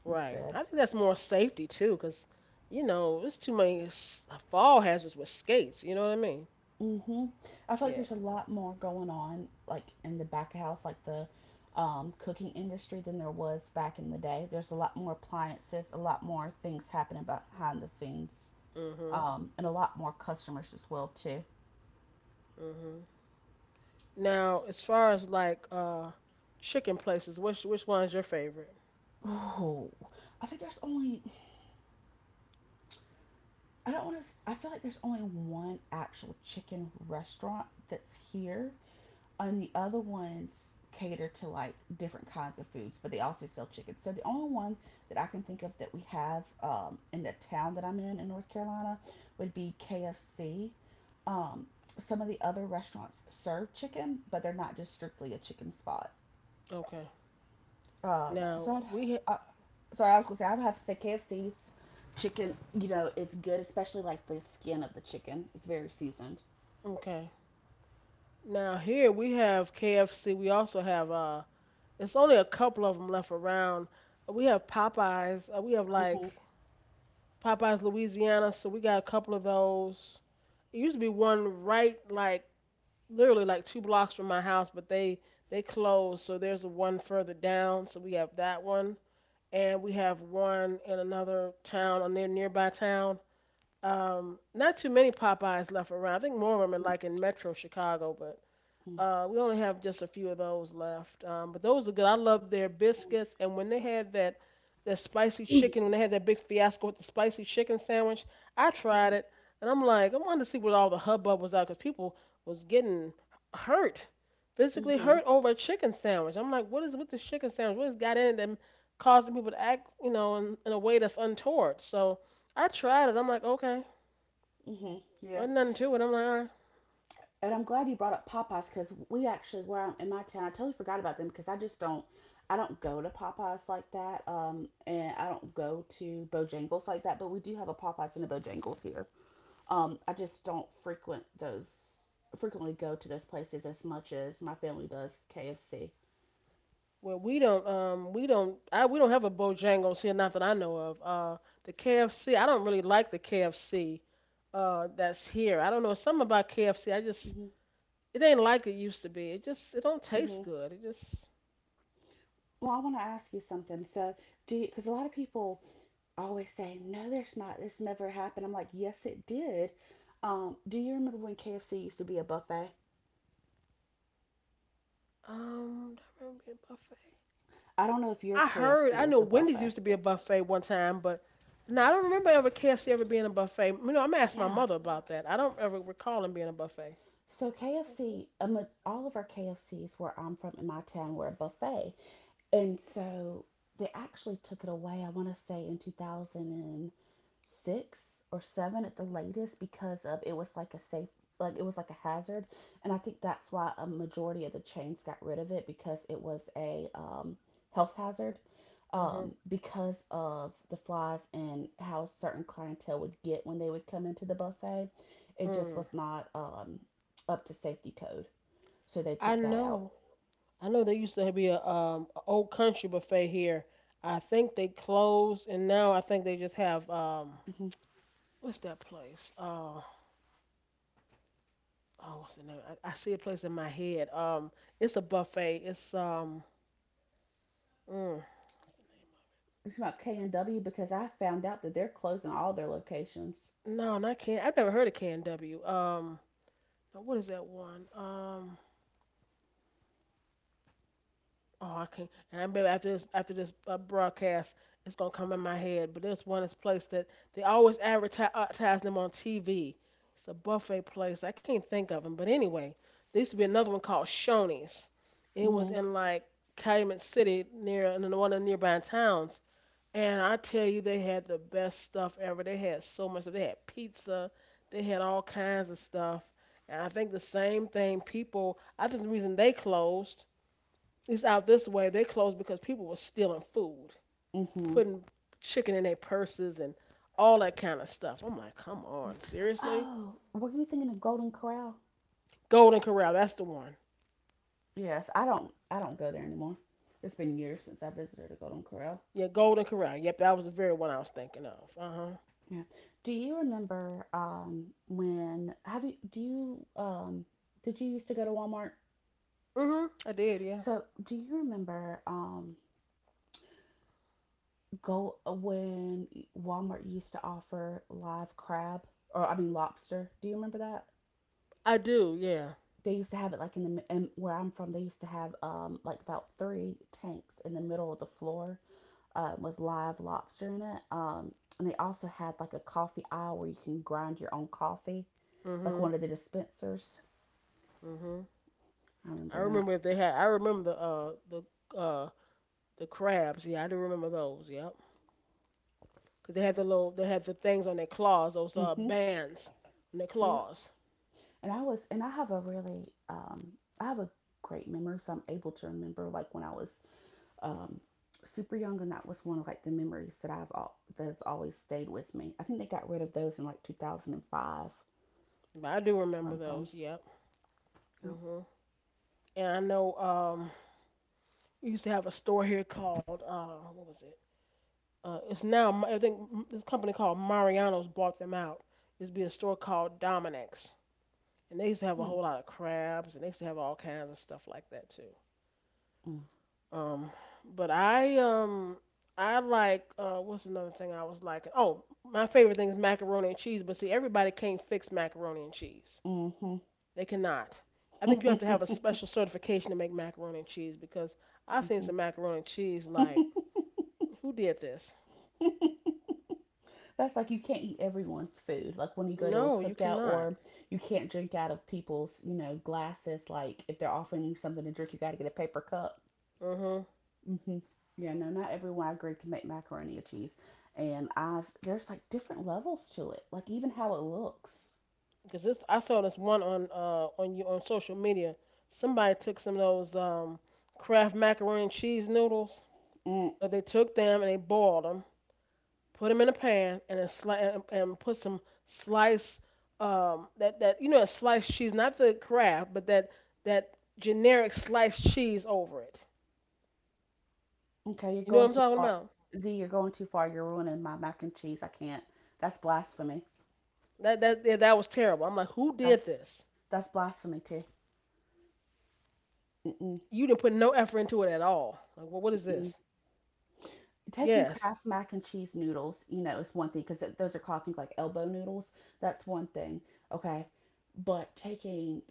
A: Right.
B: instead.
A: I think that's more safety too, 'cause you know, there's too many fall hazards with skates. You know what I mean?
B: Hmm I feel like
A: Yeah.
B: there's a lot more going on, like in the back of house, like the cooking industry than there was back in the day. There's a lot more appliances, a lot more things happening behind the scenes,
A: Mhm.
B: and a lot more customers as well too.
A: Mhm. Now, as far as like chicken places, which one's your favorite?
B: Oh, I think there's only I don't want to. I feel like there's only one actual chicken restaurant that's here, and the other ones cater to like different kinds of foods, but they also sell chicken. So the only one that I can think of that we have in the town that I'm in North Carolina would be KFC. Um, some of the other restaurants serve chicken, but they're not just strictly a chicken spot.
A: Okay.
B: Um,
A: Now
B: so I'd,
A: we ha-
B: I, sorry, I was gonna say I would have to say KFC chicken. You know, is good, especially like the skin of the chicken. It's very seasoned.
A: okay. Now here we have KFC. We also have it's only a couple of them left around. We have Popeyes. We have like
B: Mhm.
A: Popeyes Louisiana. So we got a couple of those. It used to be one right like literally like two blocks from my house, but they closed. So there's one further down. So we have that one. And we have one in another town, a nearby town. Not too many Popeyes left around. I think more of them are like in Metro Chicago, but
B: Mhm.
A: we only have just a few of those left, but those are good. I love their biscuits, and when they had that spicy
B: Mhm.
A: chicken, when they had that big fiasco with the spicy chicken sandwich, I tried it, and I'm like, I wanted to see what all the hubbub was out, because people was getting hurt, physically
B: Mhm.
A: hurt over a chicken sandwich. I'm like, what is with this chicken sandwich? What has got in it that causing people to act, you know, in a way that's untoward? So I tried it. I'm like, okay,
B: Mhm. Yeah.
A: was nothing to it. I'm like, all right.
B: And I'm glad you brought up Popeyes because we actually where I'm in my town, I totally forgot about them because I don't go to Popeyes like that, and I don't go to Bojangles like that. But we do have a Popeyes and a Bojangles here. I just don't frequent those, frequently go to those places as much as my family does KFC.
A: Well, we don't. We don't. I we don't have a Bojangles here, not that I know of. The KFC. I don't really like the KFC. That's here. I don't know something about KFC. I just it ain't like it used to be. It don't taste
B: Hmm
A: good. It just
B: Well, I want to ask you something. So, because a lot of people always say, no, there's not, this never happened. I'm like, yes, it did. Do you remember when KFC used to be a buffet?
A: um. Do I remember being a buffet?
B: I don't know if your
A: I heard.
B: KFC
A: I
B: was
A: know
B: a
A: Wendy's
B: buffet.
A: used to be a buffet one time, but no, I don't remember ever KFC ever being a buffet. You know, I'm gonna ask my
B: Yeah.
A: mother about that. I don't ever
B: S-
A: recall them being a buffet.
B: So, KFC, all of our KFCs where I'm from in my town were a buffet. And so they actually took it away, I want to say in 2006 or 7 at the latest because of it was like a safe like it was like a hazard, and I think that's why a majority of the chains got rid of it because it was a health hazard
A: Mhm.
B: because of the flies and how certain clientele would get when they would come into the buffet. It just
A: Mm.
B: was not up to safety code, so they
A: I
B: took that out.
A: know. I know there used to be a old country buffet here. I think they closed, and now I think they just have
B: Mhm.
A: what's that place? Oh, what's the name? I see a place in my head. It's a buffet. It's mm, what's the
B: You talking about K and W because I found out that they're closing all their locations.
A: name? No, not can. I've never heard of Can W. Now what is that one? Oh, I can't. I remember after this broadcast, it's gonna come in my head. But there's one this place that they always advertise them on TV. It's a buffet place. I can't think of them. But anyway, there used to be another one called Shoney's. It was
B: Mhm.
A: in like Calumet City near and in one of the nearby towns. And I tell you, they had the best stuff ever. They had so much. They had pizza. They had all kinds of stuff. And I think the same thing. People. I think the reason they closed, it's out this way. They closed because people were stealing food,
B: Mhm.
A: putting chicken in their purses and all that kind of stuff. I'm like, come on, seriously?
B: Oh, were you thinking of Golden Corral?
A: Golden Corral, that's the one.
B: Yes. I don't go there anymore. It's been years since I visited a Golden Corral.
A: Yeah, Golden Corral. Yep, that was the very one I was thinking of. Uh huh.
B: Yeah. Do you remember when have you do you did you used to go to Walmart?
A: Mhm. I did. Yeah.
B: So do you remember go when Walmart used to offer live crab, or I mean lobster? Do you remember that?
A: I do. Yeah.
B: They used to have it like in the and where I'm from. They used to have like about three tanks in the middle of the floor with live lobster in it. And they also had like a coffee aisle where you can grind your own coffee, like
A: Mhm.
B: one of the dispensers.
A: Mhm.
B: I
A: I
B: remember that.
A: remember if they had. I remember the crabs. Yeah, I do remember those. Yep. Cause they had the
B: Yep.
A: little they had the things on their claws. Those
B: Mhm.
A: bands on their
B: Yep.
A: claws.
B: And I have a really I have a great memory, so I'm able to remember like when I was um super young, and that was one of like the memories that I've all that has always stayed with me. I think they got rid of those in like 2005
A: But I do
B: where
A: remember
B: I'm from.
A: those. Yep.
B: You
A: Mhm. And I know we used to have a store here called what was it? It's now this company called Mariano's bought them out. It used to be a store called Dominic's, and they used to have a
B: know,
A: whole lot of crabs, and they used to have all kinds of stuff like that too.
B: mm,
A: Um, but I I like what's another thing I was liking? Oh, my favorite thing is macaroni and cheese. But see, everybody can't fix macaroni and cheese.
B: mm,
A: They cannot. I think you have to have a
B: hmm
A: special certification to make macaroni and cheese because I've seen some macaroni and cheese like
B: [laughs]
A: who did this?
B: [laughs] That's like you can't eat everyone's food. Like when you go to a
A: No, you
B: cookout,
A: cannot.
B: or you can't drink out of people's, you know, glasses. Like if they're offering you something to drink, you got to get a paper cup.
A: Mhm.
B: Hmm Yeah, no, not everyone I agree can make macaroni and cheese. And I've There's like different levels to it. Like even how it looks.
A: Because this I saw this one on you on social media. Somebody took some of those Kraft macaroni and cheese noodles.
B: Mm,
A: But they took them and they boiled them, put them in a pan, and then and put some sliced that that you know that sliced cheese, not the Kraft, but that generic sliced cheese over it.
B: okay, you're
A: You know what
B: going
A: I'm
B: too
A: talking
B: far.
A: about?
B: Z, you're going too far. You're ruining my mac and cheese. I can't. That's blasphemy.
A: That that yeah, that was terrible. I'm like, who did
B: That's
A: this?
B: That's blasphemy too. Mm-mm,
A: You didn't put no effort into it at all. Like, well, what is
B: mm-mm.
A: this?
B: Taking
A: Yes.
B: Kraft mac and cheese noodles, you know, is one thing because those are called things like elbow noodles. That's one thing. Okay. But taking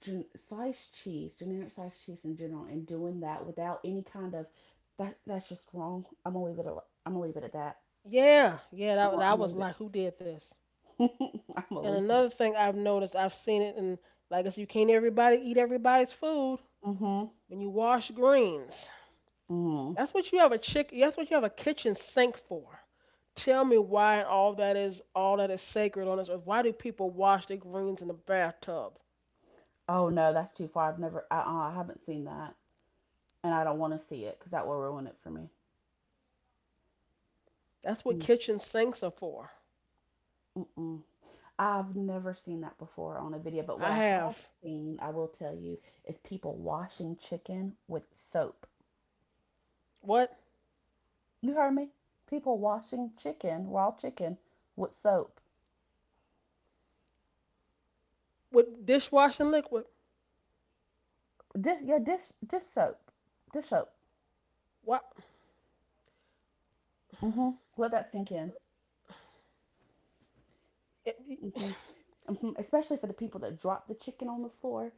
B: sliced cheese, generic sliced cheese in general, and doing that without any kind of that's just wrong. I'm gonna leave it at that.
A: Yeah, yeah. That
B: I'm
A: that
B: gonna
A: was
B: leave
A: like, who did this?
B: it. [laughs] I'm gonna
A: And
B: leave
A: another
B: it.
A: thing I've noticed, I've seen it, and like I said, you can't everybody eat everybody's food.
B: Mhm.
A: When you wash greens,
B: Mhm.
A: that's what you have a chick. That's what you have a kitchen sink for. Tell me why all that is sacred on this earth. Why do people wash their greens in the bathtub?
B: Oh no, that's too far. I've never. Uh-uh, I have never I. I have not seen that, and I don't want to see it because that will ruin it for me.
A: That's what
B: Mm,
A: kitchen sinks are for.
B: Mm-mm. I've never seen that before on a video, but what
A: I
B: I
A: have
B: have seen, I will tell you, is people washing chicken with soap.
A: what
B: You heard me? People washing chicken, raw chicken, with soap.
A: with dishwashing liquid.
B: Dish soap, dish soap.
A: What?
B: Hmm Let that sink in. Hmm hmm Especially for the people that drop the chicken on the floor.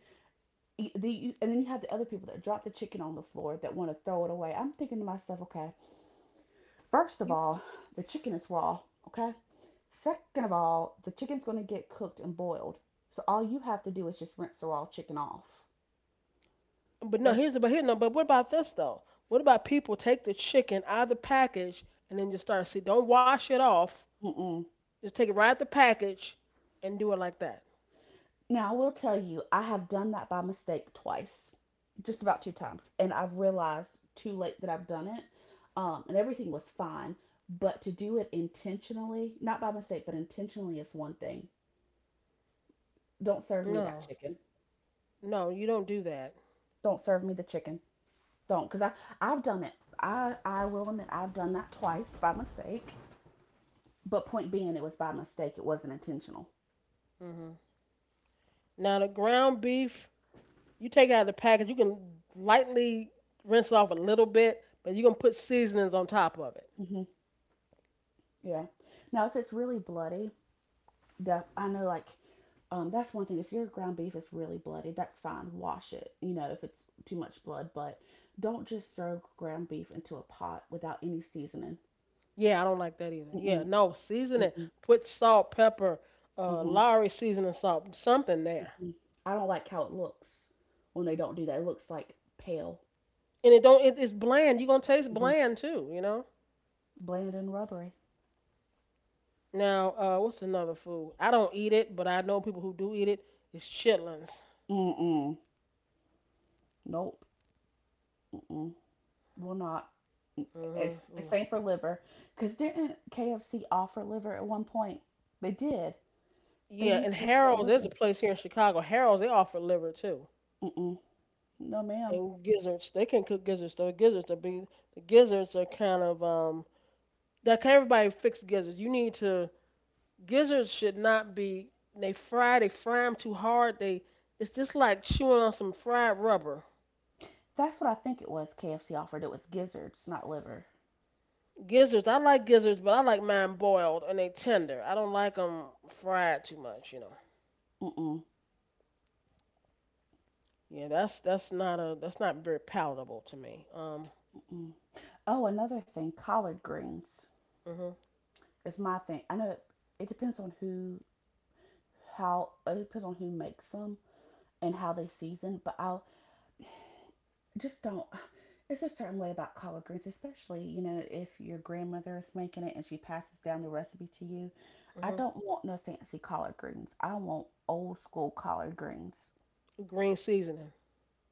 B: And then you have the other people that drop the chicken on the floor that want to throw it away. I'm thinking to myself, okay, first of
A: You,
B: all, the chicken is raw. Okay, second of all, the chicken's going to get cooked and boiled. So all you have to do is just rinse the raw chicken off.
A: but no,
B: Don't.
A: here's the but here no. But what about this though? What about people take the chicken out of the package and then just start see? Don't wash it off.
B: Mm-mm.
A: Just take it right out of the package and do it like that.
B: Now, I will tell you, I have done that by mistake twice, just about two times. And I've realized too late that I've done it. And everything was fine. But to do it intentionally, not by mistake, but intentionally is one thing. Don't serve me that
A: No,
B: chicken.
A: no, you don't do that.
B: Don't serve me the chicken. Don't. Because I've done it. I will admit, I've done that twice by mistake. But point being, it was by mistake. It wasn't intentional.
A: Hmm. Now the ground beef, you take it out of the package. You can lightly rinse it off a little bit, but you're gonna put seasonings on top of it.
B: Hmm Yeah. Now, if it's really bloody, that I know, like, that's one thing. If your ground beef is really bloody, that's fine. Wash it. You know, if it's too much blood, but don't just throw ground beef into a pot without any seasoning.
A: Yeah, I don't like that either. Yeah,
B: Mm-mm,
A: no, season it.
B: mm-mm,
A: Put salt, pepper,
B: mm-hmm, mm-hmm.
A: Lowry seasoning salt, something there.
B: I don't like how it looks when they don't do that. It looks like pale,
A: And it don't. It's bland. You're gonna taste
B: hmm
A: bland too. You know.
B: bland, and rubbery.
A: Now, what's another food? I don't eat it, but I know people who do eat it. It's chitlins.
B: Mm-mm. Nope. Mm-mm. Will not.
A: Mhm.
B: It's
A: Yeah.
B: same for liver. Cause didn't KFC offer liver at one point? They did. They
A: Yeah, and
B: used to sell
A: Harold's. There's a
B: liver.
A: place here in Chicago. Harold's. They offer liver too.
B: Mm-mm. No, ma'am.
A: And gizzards. They can cook gizzards. So gizzards are be the gizzards are kind of. That can't everybody fix gizzards. You need to gizzards should not be. They fry them too hard. They it's just like chewing on some fried rubber.
B: That's what I think it was KFC offered. It was gizzards, not liver.
A: Gizzards. I like gizzards, but I like mine boiled and they tender. I don't like them fried too much. You know.
B: Mm-mm.
A: Yeah, that's not very palatable to me.
B: Mm-mm. Oh, another thing, collard greens
A: Mhm.
B: is my thing. It depends on who, how, it depends on who makes them and how they season, but I just don't. It's a certain way about collard greens, especially you know if your grandmother is making it and she passes down the recipe to you. I
A: Mhm.
B: don't want no fancy collard greens. I want old school collard greens.
A: Green seasoning.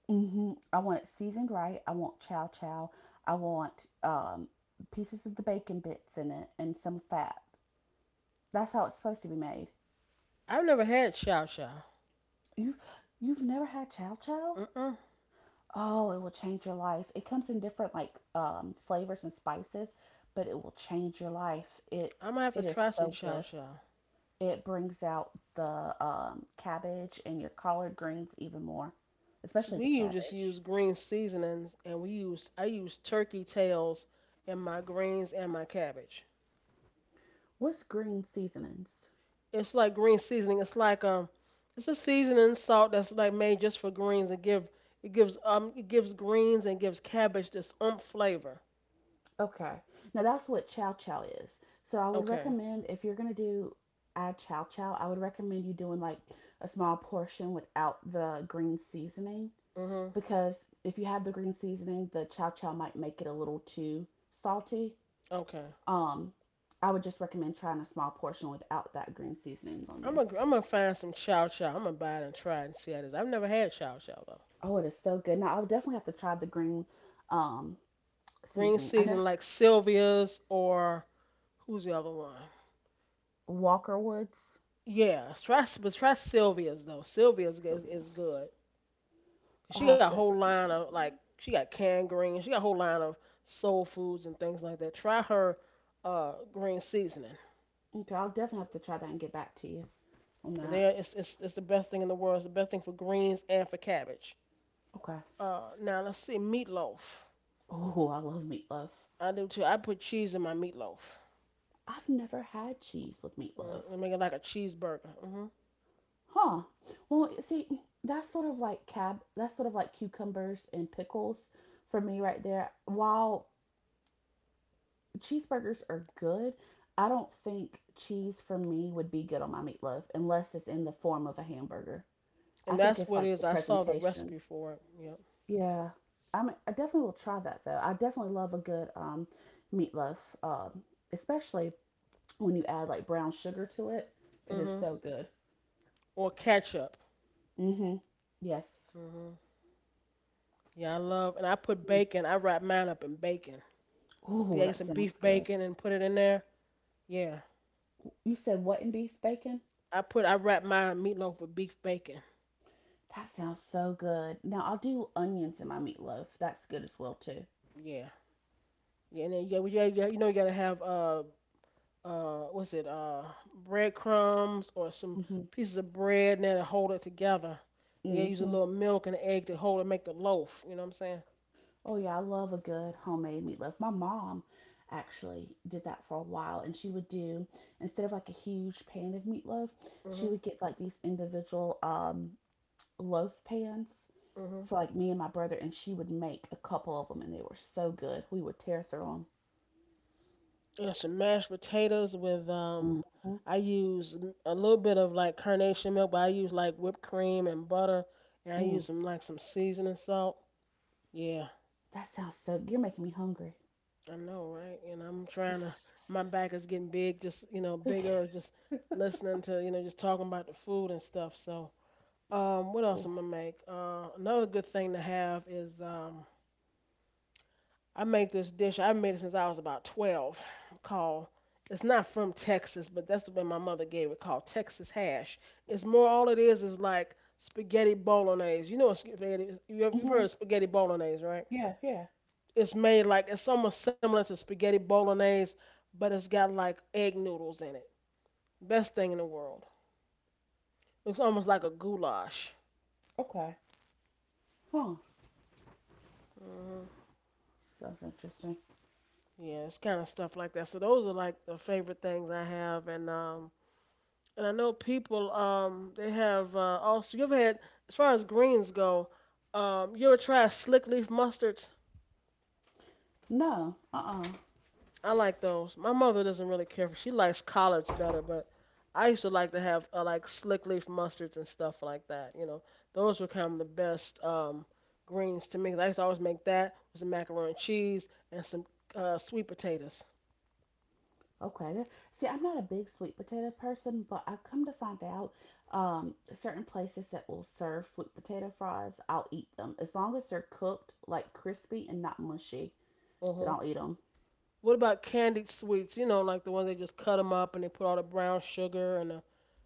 B: Mm hmm I want it seasoned right. I want chow chow. I want pieces of the bacon bits in it and some fat. That's how it's supposed to be made.
A: I've never had chow chow.
B: You you've never had chow chow?
A: Mm-mm.
B: Oh, it will change your life. It comes in different like flavors and spices, but it will change your life.
A: I'm gonna have to
B: It is
A: try some
B: so
A: chow
B: good.
A: chow.
B: It brings out the cabbage and your collard greens even more,
A: So
B: especially the
A: just use
B: cabbage.
A: green seasonings, and we use I use turkey tails in my greens and my cabbage.
B: What's green seasonings?
A: It's like green seasoning. It's like it's a seasoning salt that's like made just for greens and give it gives greens and gives cabbage this umph flavor.
B: Okay. Now that's what chow chow is. So I would
A: Okay.
B: recommend if you're gonna do add chow chow, I would recommend you doing like a small portion without the green seasoning
A: Mhm.
B: because if you have the green seasoning, the chow chow might make it a little too salty.
A: Okay.
B: Um, I would just recommend trying a small portion without that green seasoning on
A: I'm
B: there.
A: gonna I'm gonna find some chow chow. I'm gonna buy it and try it and see how it is. I've never had chow chow though.
B: Oh, it is so good. Now, I would definitely have to try the green um,
A: Green
B: seasoning. I know
A: seasoning like Sylvia's or who's the other one?
B: Walker Woods,
A: Yeah, try but try Sylvia's though. Sylvia's is
B: Sylvia's.
A: good. 'Cause
B: I'll
A: she got a
B: have to.
A: whole line of like she got canned greens. She got a whole line of soul foods and things like that. Try her green seasoning.
B: Okay, I'll definitely have to try that and get back to you on
A: And
B: that.
A: there, it's it's the best thing in the world. It's the best thing for greens and for cabbage.
B: Okay.
A: Now let's see meatloaf.
B: Oh, I love meatloaf.
A: I do too. I put cheese in my meatloaf.
B: I've never had cheese with meatloaf.
A: Mm-hmm. I make it like a cheeseburger. Hmm.
B: Huh. Well, see, that's sort of like cab. That's sort of like cucumbers and pickles for me right there. While cheeseburgers are good, I don't think cheese for me would be good on my meatloaf unless it's in the form of a hamburger. I
A: And
B: think
A: that's
B: it's
A: what it
B: like
A: is.
B: the
A: I saw the
B: presentation.
A: recipe for it. Yep.
B: Yeah. I mean, I definitely will try that though. I definitely love a good meatloaf, um, especially when you add like brown sugar to it. It
A: Mm
B: is
A: hmm.
B: so good.
A: Or ketchup.
B: Mhm. Yes.
A: Mm hmm. Yeah, I love. And I put
B: Mm.
A: bacon. I wrap mine up in bacon. Yeah,
B: Ooh,
A: get some
B: that
A: beef
B: sounds good.
A: bacon and put it in there. Yeah.
B: You said what and beef bacon?
A: I wrap my meatloaf with beef bacon.
B: That sounds so good. Now I'll do onions in my meatloaf. That's good as well too.
A: Yeah. Yeah, and then you know you gotta have what's it breadcrumbs or some
B: Hmm
A: pieces of bread and will hold it together. And you gotta use a
B: hmm
A: little milk and egg to hold and make the loaf. You know what I'm saying?
B: Oh yeah, I love a good homemade meatloaf. My mom actually did that for a while, and she would do instead of like a huge pan of meatloaf, she
A: Mhm.
B: would get like these individual loaf pans
A: Mhm.
B: for like me and my brother, and she would make a couple of them, and they were so good. We would tear through
A: Yeah, some mashed potatoes with
B: them. Hmm
A: I use a little bit of like carnation milk, but I use like whipped cream and butter, and I
B: Mm.
A: use some seasoning salt. Yeah.
B: That sounds so. You're making me hungry.
A: I know, right? And I'm trying to. My back is getting big, just you know, bigger. Just listening to you know, just talking about the food and stuff. So, what else I'm
B: [laughs]
A: gonna make? Another good thing to have is I make this dish. I've made it since I was about 12. Called. It's not from Texas, but that's when my mother gave it. Called Texas hash. It's more. All it is like spaghetti bolognese. You know what spaghetti? You've heard
B: hmm
A: of spaghetti bolognese, right?
B: Yeah, yeah.
A: It's made like it's almost similar to spaghetti bolognese, but it's got like egg noodles in it. Best thing in the world. Looks almost like a goulash.
B: Okay. Huh.
A: Hmm.
B: Sounds interesting.
A: Yeah, it's kind of stuff like that. So those are like the favorite things I have, and I know people they have also. You ever had as far as greens go, you ever try slick leaf mustard?
B: No. Uh-uh.
A: I like those. My mother doesn't really care for. She likes collards better, but I used to like to have like slick leaf mustards and stuff like that. You know, those were kind of the best greens to me. 'Cause I used to always make that with some macaroni and cheese and some sweet potatoes.
B: Okay. See, I'm not a big sweet potato person, but I come to find out certain places that will serve sweet potato fries, I'll eat them. As long as they're cooked, like crispy and not mushy, then
A: Mhm.
B: I'll eat them.
A: What about candied sweets? You know, like the ones they just cut them up and they put all the brown sugar and the,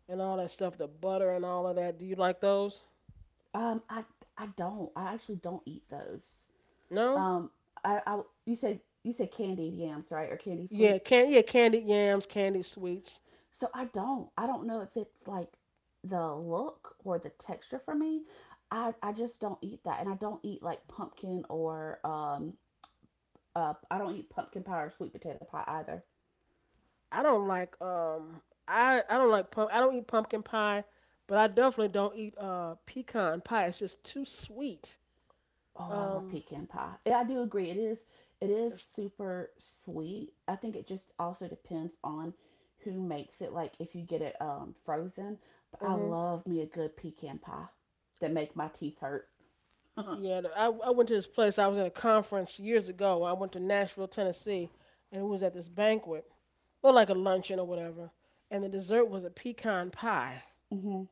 A: and all that stuff, the butter and all of that. Do you like those?
B: Um, I, I don't. I actually don't eat those.
A: No?
B: Um, I you said candied yams, right? Or candy
A: Yeah,
B: sweets?
A: can yeah, candied yams, candied sweets.
B: So I don't. I don't know if it's like the look or the texture for me. I just don't eat that. And I don't eat like pumpkin or I don't eat pumpkin pie or sweet potato pie either.
A: I don't like um I don't like pump I don't eat pumpkin pie, but I definitely don't eat pecan pie. It's just too sweet.
B: Oh, I love
A: Um,
B: pecan pie. Yeah, I do agree. It is
A: it's
B: super sweet. I think it just also depends on who makes it, like if you get it frozen. But I
A: mhm.
B: love me a good pecan pie that make my teeth hurt. [laughs]
A: Yeah, I went to this place. I was at a conference years ago. I went to Nashville, Tennessee, and it was at this banquet, or like a luncheon or whatever. And the dessert was a pecan pie.
B: Mm-hmm.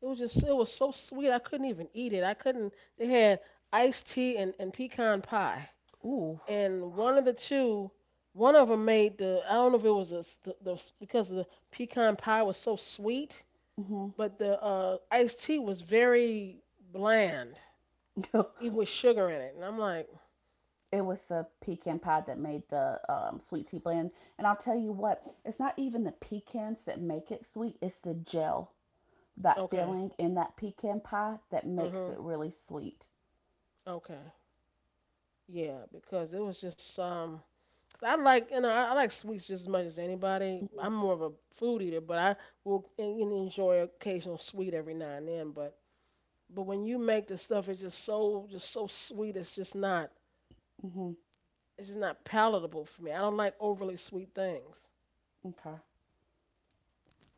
A: It was so sweet. I couldn't even eat it. I couldn't. They had iced tea and pecan pie.
B: Ooh.
A: And one of the two, one of them made the I don't know if it was a, s- the because the pecan pie was so sweet,
B: Mm-hmm.
A: but the iced tea was very bland,
B: [laughs]
A: even with sugar in it. And I'm like,
B: It was the pecan pie that made the sweet tea blend. And I'll tell you what, it's not even the pecans that make it sweet, it's the gel, that
A: okay,
B: filling in that pecan pie that makes
A: mhm,
B: it really sweet.
A: okay, yeah, because it was just. 'Cause I like you know I like sweets just as much as anybody. I'm more of a food eater, but I will enjoy occasional sweet every now and then. But when you make the stuff, it's just so sweet. It's just not
B: Hmm
A: it's just not palatable for me. I don't like overly sweet things.
B: Okay.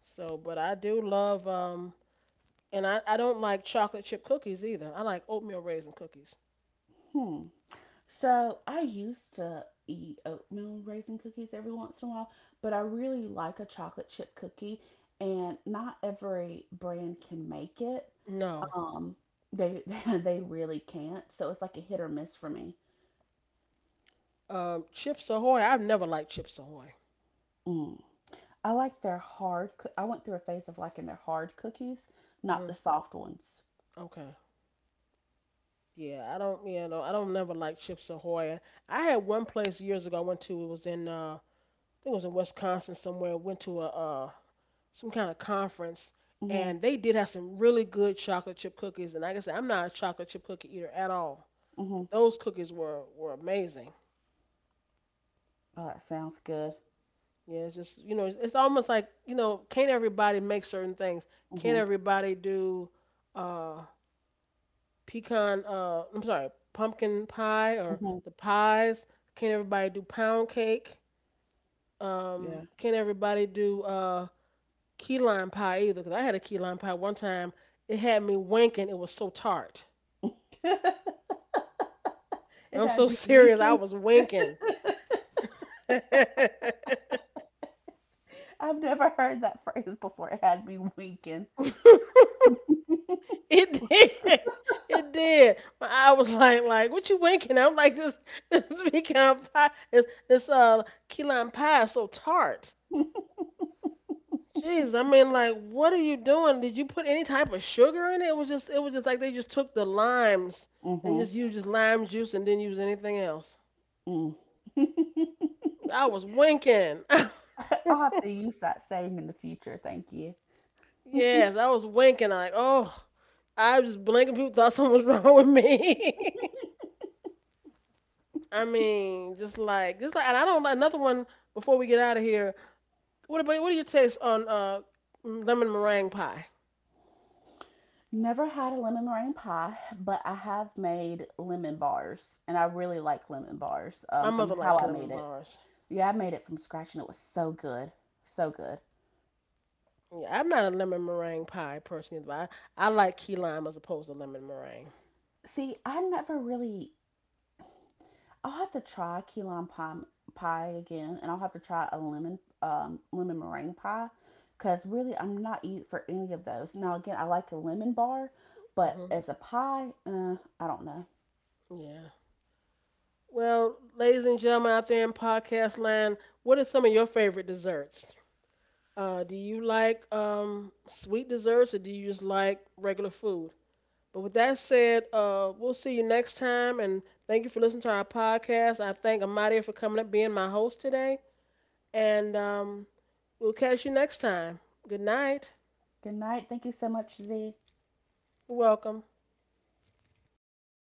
A: So, but I do love, and I don't like chocolate chip cookies either. I like oatmeal raisin cookies.
B: Hmm. So I used to eat oatmeal raisin cookies every once in a while, but I really like a chocolate chip cookie, and not every brand can make it.
A: No.
B: Um, they [laughs] they really can't, so it's like a hit or miss for me.
A: Chips Ahoy, I've never liked Chips Ahoy.
B: Mm. I like their hard. Coo- I went through a phase of liking their hard cookies, not the
A: Hmm.
B: soft ones.
A: Okay. Yeah, I don't you know, I don't never like Chips Ahoy. I had one place years ago I went to, it was in I think it was in Wisconsin somewhere. Went to a some kind of conference,
B: Mhm.
A: and they did have some really good chocolate chip cookies. And like I said, I'm not a chocolate chip cookie eater at all,
B: Mhm.
A: but those cookies were amazing.
B: Oh, that sounds good.
A: Yeah, it's almost like, can't everybody make certain things? Can't
B: Mhm.
A: everybody do uh, pecan? I'm sorry, pumpkin pie or
B: Mhm.
A: the pies? Can't everybody do pound cake?
B: Yeah.
A: Can't everybody do key lime pie either? Because I had a key lime pie one time. It had me winking. It was so tart.
B: [laughs] it
A: I'm so [laughs]
B: had you
A: serious. I
B: winking.
A: was winking.
B: [laughs]
A: [laughs] It
B: I've never heard that phrase before. It had me winking.
A: did. It did. My eye was like, what you winking? I'm like, [laughs] this key lime pie is so tart.
B: [laughs]
A: Jeez, I mean, like, what are you doing? Did you put any type of sugar in it? It was just like they just took the limes and
B: mhm.
A: just used just lime juice and didn't use anything else.
B: Mm. [laughs]
A: I was winking.
B: I'll have to use that saying in the future. Thank you.
A: [laughs] Yes, I was winking. Like, oh, I was just blinking. People thought something was [laughs] wrong with me. [laughs] I mean, and I don't. Another one before we get out of here. What do you taste on lemon meringue pie?
B: Never had a lemon meringue pie, but I have made lemon bars, and I really like lemon bars
A: My
B: from
A: mother
B: how
A: likes
B: I made
A: lemon
B: it.
A: bars.
B: Yeah, I made it from scratch and it was so good. So good.
A: Yeah, I'm not a lemon meringue pie person, but I like key lime as opposed to lemon meringue.
B: See, I never really I'll have to try pie again and I'll have to try a lemon meringue pie because really I'm not eating for any of those. Now again, I like a lemon bar, but
A: Hmm.
B: as a pie, I don't know.
A: Yeah. Well, ladies and gentlemen out there in podcast land, what are some of your favorite desserts? Do you like sweet desserts or do you just like regular food? But with that said, we'll see you next time, and thank you for listening to our podcast. I thank Amadi for coming up being my host today, and we'll catch you next time. Good night.
B: Good night. Thank you so much, Z.
A: You're welcome.